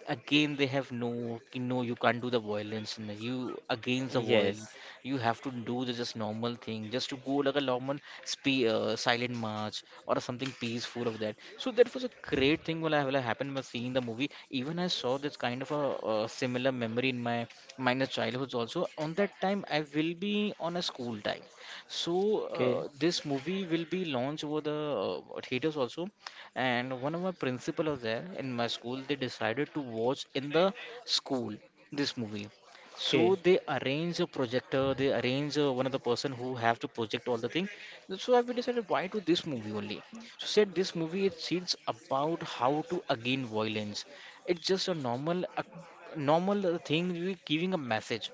[SPEAKER 1] again they have no, no, you can't do the violence. No, you against the violence,
[SPEAKER 2] Yes.
[SPEAKER 1] you have to do the just normal thing, just to go like a normal spe silent march or something peaceful of that. So that was a great thing when I happened when seeing the movie. Even I saw this kind of a, similar memory in my minus childhoods also. On that time, I will be on a school time. So
[SPEAKER 2] Okay.
[SPEAKER 1] this movie will be launched over the theaters also. And one of my principal was there in my school. They decided to watch in the school this movie.
[SPEAKER 2] Okay.
[SPEAKER 1] So they arrange a projector. They arrange one of the person who have to project all the thing. So I we decided why to this movie only. So said this movie it seems about how to again violence. It's just a normal thing. We giving a message,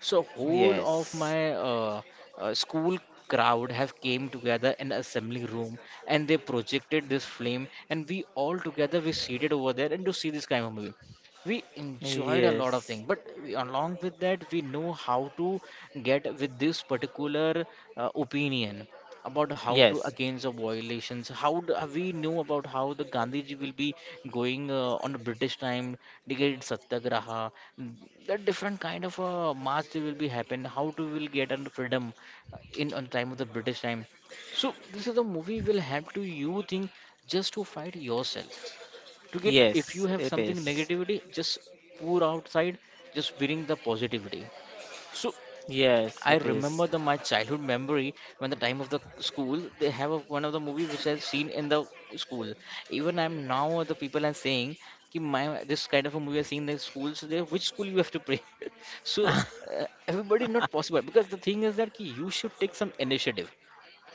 [SPEAKER 1] so whole of
[SPEAKER 2] Yes.
[SPEAKER 1] my school crowd have came together in assembly room and they projected this flame and we all together we seated over there and to see this kind of movie. We enjoyed a lot of things,
[SPEAKER 2] Yes.
[SPEAKER 1] but we, along with that, we know how to get with this particular opinion about how to
[SPEAKER 2] Yes.
[SPEAKER 1] against the violations. How do, we know about how the Gandhiji will be going on the British time to Satyagraha, mm, the different kind of march they will be happen. How to will get on freedom in on time of the British time. So this is a movie will help to you think just to fight yourself to get if you
[SPEAKER 2] Yes.
[SPEAKER 1] have
[SPEAKER 2] It
[SPEAKER 1] something
[SPEAKER 2] is.
[SPEAKER 1] negativity just pour outside just bring the positivity so I
[SPEAKER 2] Yes. It
[SPEAKER 1] remember
[SPEAKER 2] is.
[SPEAKER 1] the my childhood memory when the time of the school they have a, one of the movie which I've seen in the school. Even I'm now the people are saying कि my this kind of a movie I seen in the school. So they, which school you have to pray? So everybody not possible because the thing is that कि you should take some initiative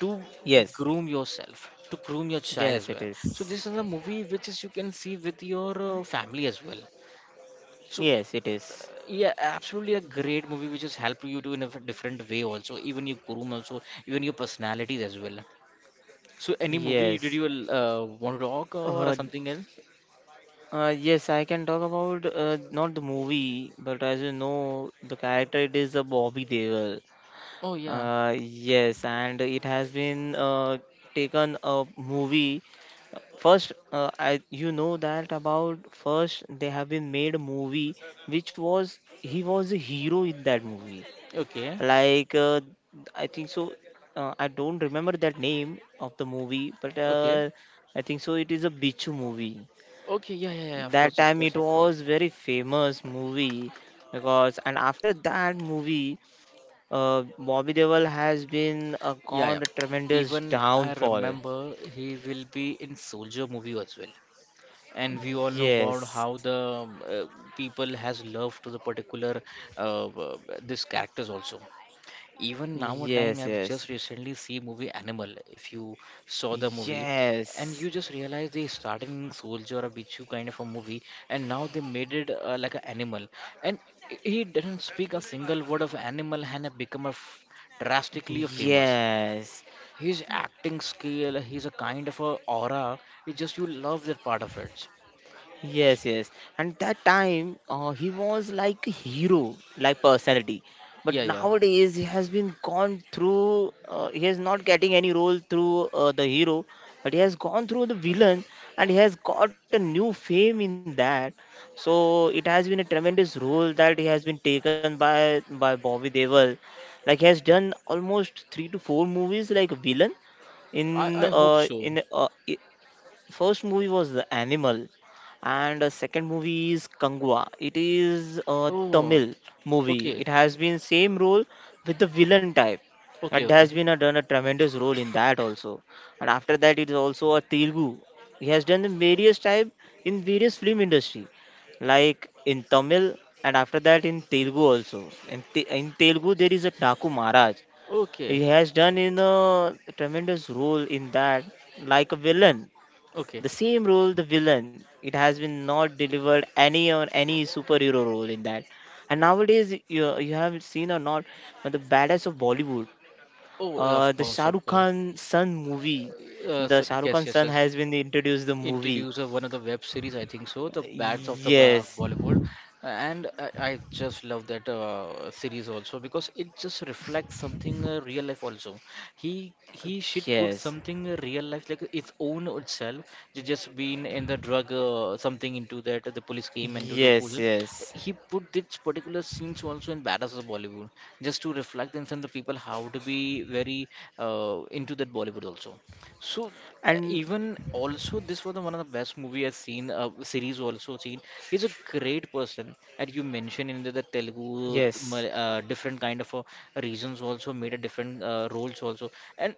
[SPEAKER 1] to
[SPEAKER 2] yes.
[SPEAKER 1] groom yourself to groom your child as
[SPEAKER 2] Yes. It
[SPEAKER 1] well. So this
[SPEAKER 2] is.
[SPEAKER 1] is a movie which is you can see with your family as well. So
[SPEAKER 2] Yes. It is.
[SPEAKER 1] yeah, absolutely a great movie which has helped you to in a different way also even your groom also even your personalities as well so any movie did
[SPEAKER 2] Yes.
[SPEAKER 1] you want to talk or
[SPEAKER 2] Uh,
[SPEAKER 1] something else?
[SPEAKER 2] Yes, I can talk about not the movie, but as you know, the character it is a Bobby Deol.
[SPEAKER 1] Oh yeah.
[SPEAKER 2] Yes, and it has been taken a movie. First, I, you know that about first they have been made a movie which was he was a hero in that movie.
[SPEAKER 1] okay,
[SPEAKER 2] Like, I think so. I don't remember that name of the movie, but
[SPEAKER 1] okay,
[SPEAKER 2] I think so. It is a Bichu movie.
[SPEAKER 1] okay, yeah, yeah, yeah, of
[SPEAKER 2] That
[SPEAKER 1] course, of
[SPEAKER 2] time
[SPEAKER 1] course,
[SPEAKER 2] it
[SPEAKER 1] of course.
[SPEAKER 2] was very famous movie, because and after that movie Bobby Deol has been
[SPEAKER 1] Yeah,
[SPEAKER 2] gone a
[SPEAKER 1] yeah,
[SPEAKER 2] tremendous
[SPEAKER 1] even I
[SPEAKER 2] downfall.
[SPEAKER 1] remember he will be in soldier movie as well and we all know about how
[SPEAKER 2] Yes,
[SPEAKER 1] the people has love to the particular uh, uh, this characters also. Even now, a time
[SPEAKER 2] yes,
[SPEAKER 1] I've
[SPEAKER 2] yes,
[SPEAKER 1] just recently see movie Animal. If you saw the movie, and you
[SPEAKER 2] yes,
[SPEAKER 1] just realize they started in soldier or a Bichu kind of a movie, and now they made it like an animal. And he didn't speak a single word of animal and have become a f drastically famous.
[SPEAKER 2] yes.
[SPEAKER 1] His acting skill, he's a kind of a aura. It just you love that part of it.
[SPEAKER 2] Yes, yes. And that time, he was like a hero, like personality. But
[SPEAKER 1] Yeah, yeah.
[SPEAKER 2] nowadays, he has been gone through. He is not getting any role through the hero, but he has gone through the villain, and he has got a new fame in that. So it has been a tremendous role that he has been taken by Bobby Deol. Like he has done almost three to four movies like a villain
[SPEAKER 1] I,
[SPEAKER 2] in
[SPEAKER 1] I hope
[SPEAKER 2] uh,
[SPEAKER 1] so.
[SPEAKER 2] in uh, i- first movie was the animal, and the second movie is Kangwa. It is a
[SPEAKER 1] Oh.
[SPEAKER 2] Tamil movie.
[SPEAKER 1] Okay,
[SPEAKER 2] It has been same role, with the villain type.
[SPEAKER 1] okay,
[SPEAKER 2] It
[SPEAKER 1] okay,
[SPEAKER 2] has been a, done a tremendous role in that also. And after that, it is also a Telugu, he has done the various type in various film industry, like in Tamil, and after that in Telugu also. And in, in Telugu there is a Taku Maharaj, he
[SPEAKER 1] okay,
[SPEAKER 2] has done in a tremendous role in that like a villain.
[SPEAKER 1] okay.
[SPEAKER 2] The same role, the villain, it has been not delivered any or any superhero role in that. And nowadays, you have seen or not, but the badass of Bollywood,
[SPEAKER 1] Oh, yeah, of
[SPEAKER 2] the
[SPEAKER 1] course,
[SPEAKER 2] Shah
[SPEAKER 1] of
[SPEAKER 2] Rukh
[SPEAKER 1] course.
[SPEAKER 2] Khan son movie,
[SPEAKER 1] Uh,
[SPEAKER 2] the
[SPEAKER 1] so,
[SPEAKER 2] Shah Rukh
[SPEAKER 1] yes,
[SPEAKER 2] Khan
[SPEAKER 1] yes,
[SPEAKER 2] son
[SPEAKER 1] yes.
[SPEAKER 2] has been introduced the movie.
[SPEAKER 1] Introduce of one of the web series, I think so, the Bats of the
[SPEAKER 2] Yes,
[SPEAKER 1] Bollywood, and I just love that series also because it just reflects something real life also. He should put
[SPEAKER 2] yes,
[SPEAKER 1] something real life like its own itself. They just been in the drug something into that the police came and do the
[SPEAKER 2] yes,
[SPEAKER 1] puzzle.
[SPEAKER 2] yes,
[SPEAKER 1] He put this particular scenes also in Badass of Bollywood just to reflect and send the people how to be very into that Bollywood also. So
[SPEAKER 2] and
[SPEAKER 1] even also this was the one of the best movie I've seen, series also seen. He's a great person, and you mentioned in the Telugu
[SPEAKER 2] yes,
[SPEAKER 1] Different kind of reasons also made a different roles also, and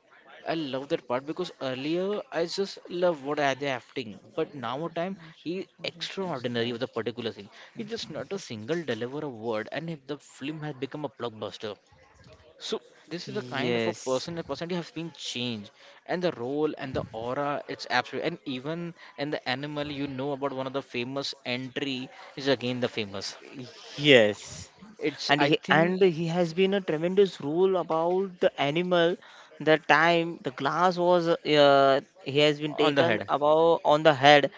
[SPEAKER 1] I love that part because earlier I just love what are the acting, but now a time he extraordinary with a particular thing. He just not a single deliver a word, and if the film has become a blockbuster. So this is a kind of
[SPEAKER 2] yes,
[SPEAKER 1] a person has been changed, and the role and the aura, it's absolutely, and even in the animal, you know about one of the famous entry is again the famous.
[SPEAKER 2] yes.
[SPEAKER 1] It's
[SPEAKER 2] and
[SPEAKER 1] I
[SPEAKER 2] he
[SPEAKER 1] think
[SPEAKER 2] and he has been a tremendous rule about the animal. The time the glass was, he has been
[SPEAKER 1] on the
[SPEAKER 2] taken
[SPEAKER 1] head,
[SPEAKER 2] about on the head,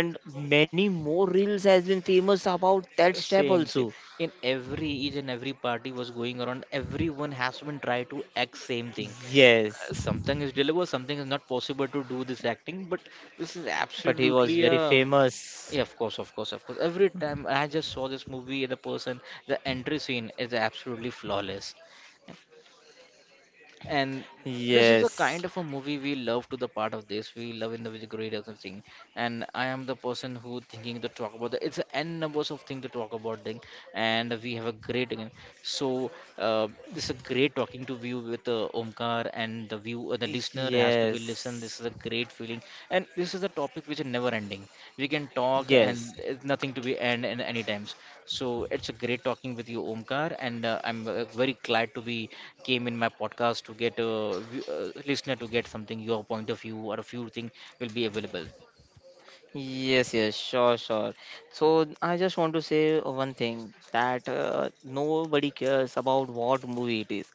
[SPEAKER 2] and many more reels has been famous about that step
[SPEAKER 1] Same,
[SPEAKER 2] also.
[SPEAKER 1] same. In every each and every party was going around, everyone has been try to act same thing.
[SPEAKER 2] Yes.
[SPEAKER 1] Something is deliver. Something is not possible to do this acting, but this is
[SPEAKER 2] But he was
[SPEAKER 1] absolutely
[SPEAKER 2] very famous.
[SPEAKER 1] yeah, of course, of course, of course. Every time I just saw this movie, the person, the entry scene is absolutely flawless and this is the
[SPEAKER 2] Yes,
[SPEAKER 1] kind of a movie we love to the part of this we love in the with great of thing. And I am the person who thinking to talk about the, it's a n numbers of thing to talk about thing and we have a great again so uh, it's a great talking to view with omkar and the view the listener has to we listen. This
[SPEAKER 2] yes.
[SPEAKER 1] is a great feeling, and this is a topic which is never ending. We can talk,
[SPEAKER 2] Yes,
[SPEAKER 1] and it's nothing to be end in any times. So it's a great talking with you, Omkar, and I'm very glad to be came in my podcast to get a v- uh, listener to get something your point of view or a few thing will be available.
[SPEAKER 2] yes, yes, sure, sure. So I just want to say one thing, that nobody cares about what movie it is.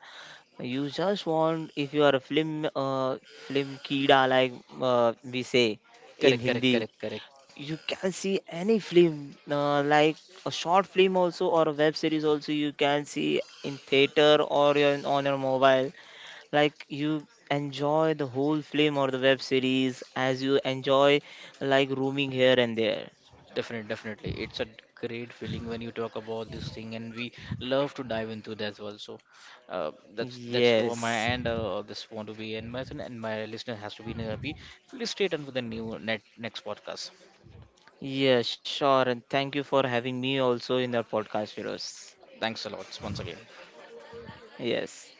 [SPEAKER 2] You just want, if you are a film film kida, like we say in
[SPEAKER 1] Correct, correct,
[SPEAKER 2] Hindi,
[SPEAKER 1] correct, correct.
[SPEAKER 2] you can see any film like a short film also or a web series also you can see in theater or your, on your mobile. Like you enjoy the whole film or the web series as you enjoy like roaming here and there.
[SPEAKER 1] Definitely, definitely. It's a great feeling when you talk about this thing, and we love to dive into that as well. So, that's from my
[SPEAKER 2] Yes.
[SPEAKER 1] end. This want to be and my listener has to be happy. Please stay tuned for the new net next podcast.
[SPEAKER 2] Yes, sure. And thank you for having me also in our podcast, Firoz.
[SPEAKER 1] Thanks a lot once again.
[SPEAKER 2] Yes.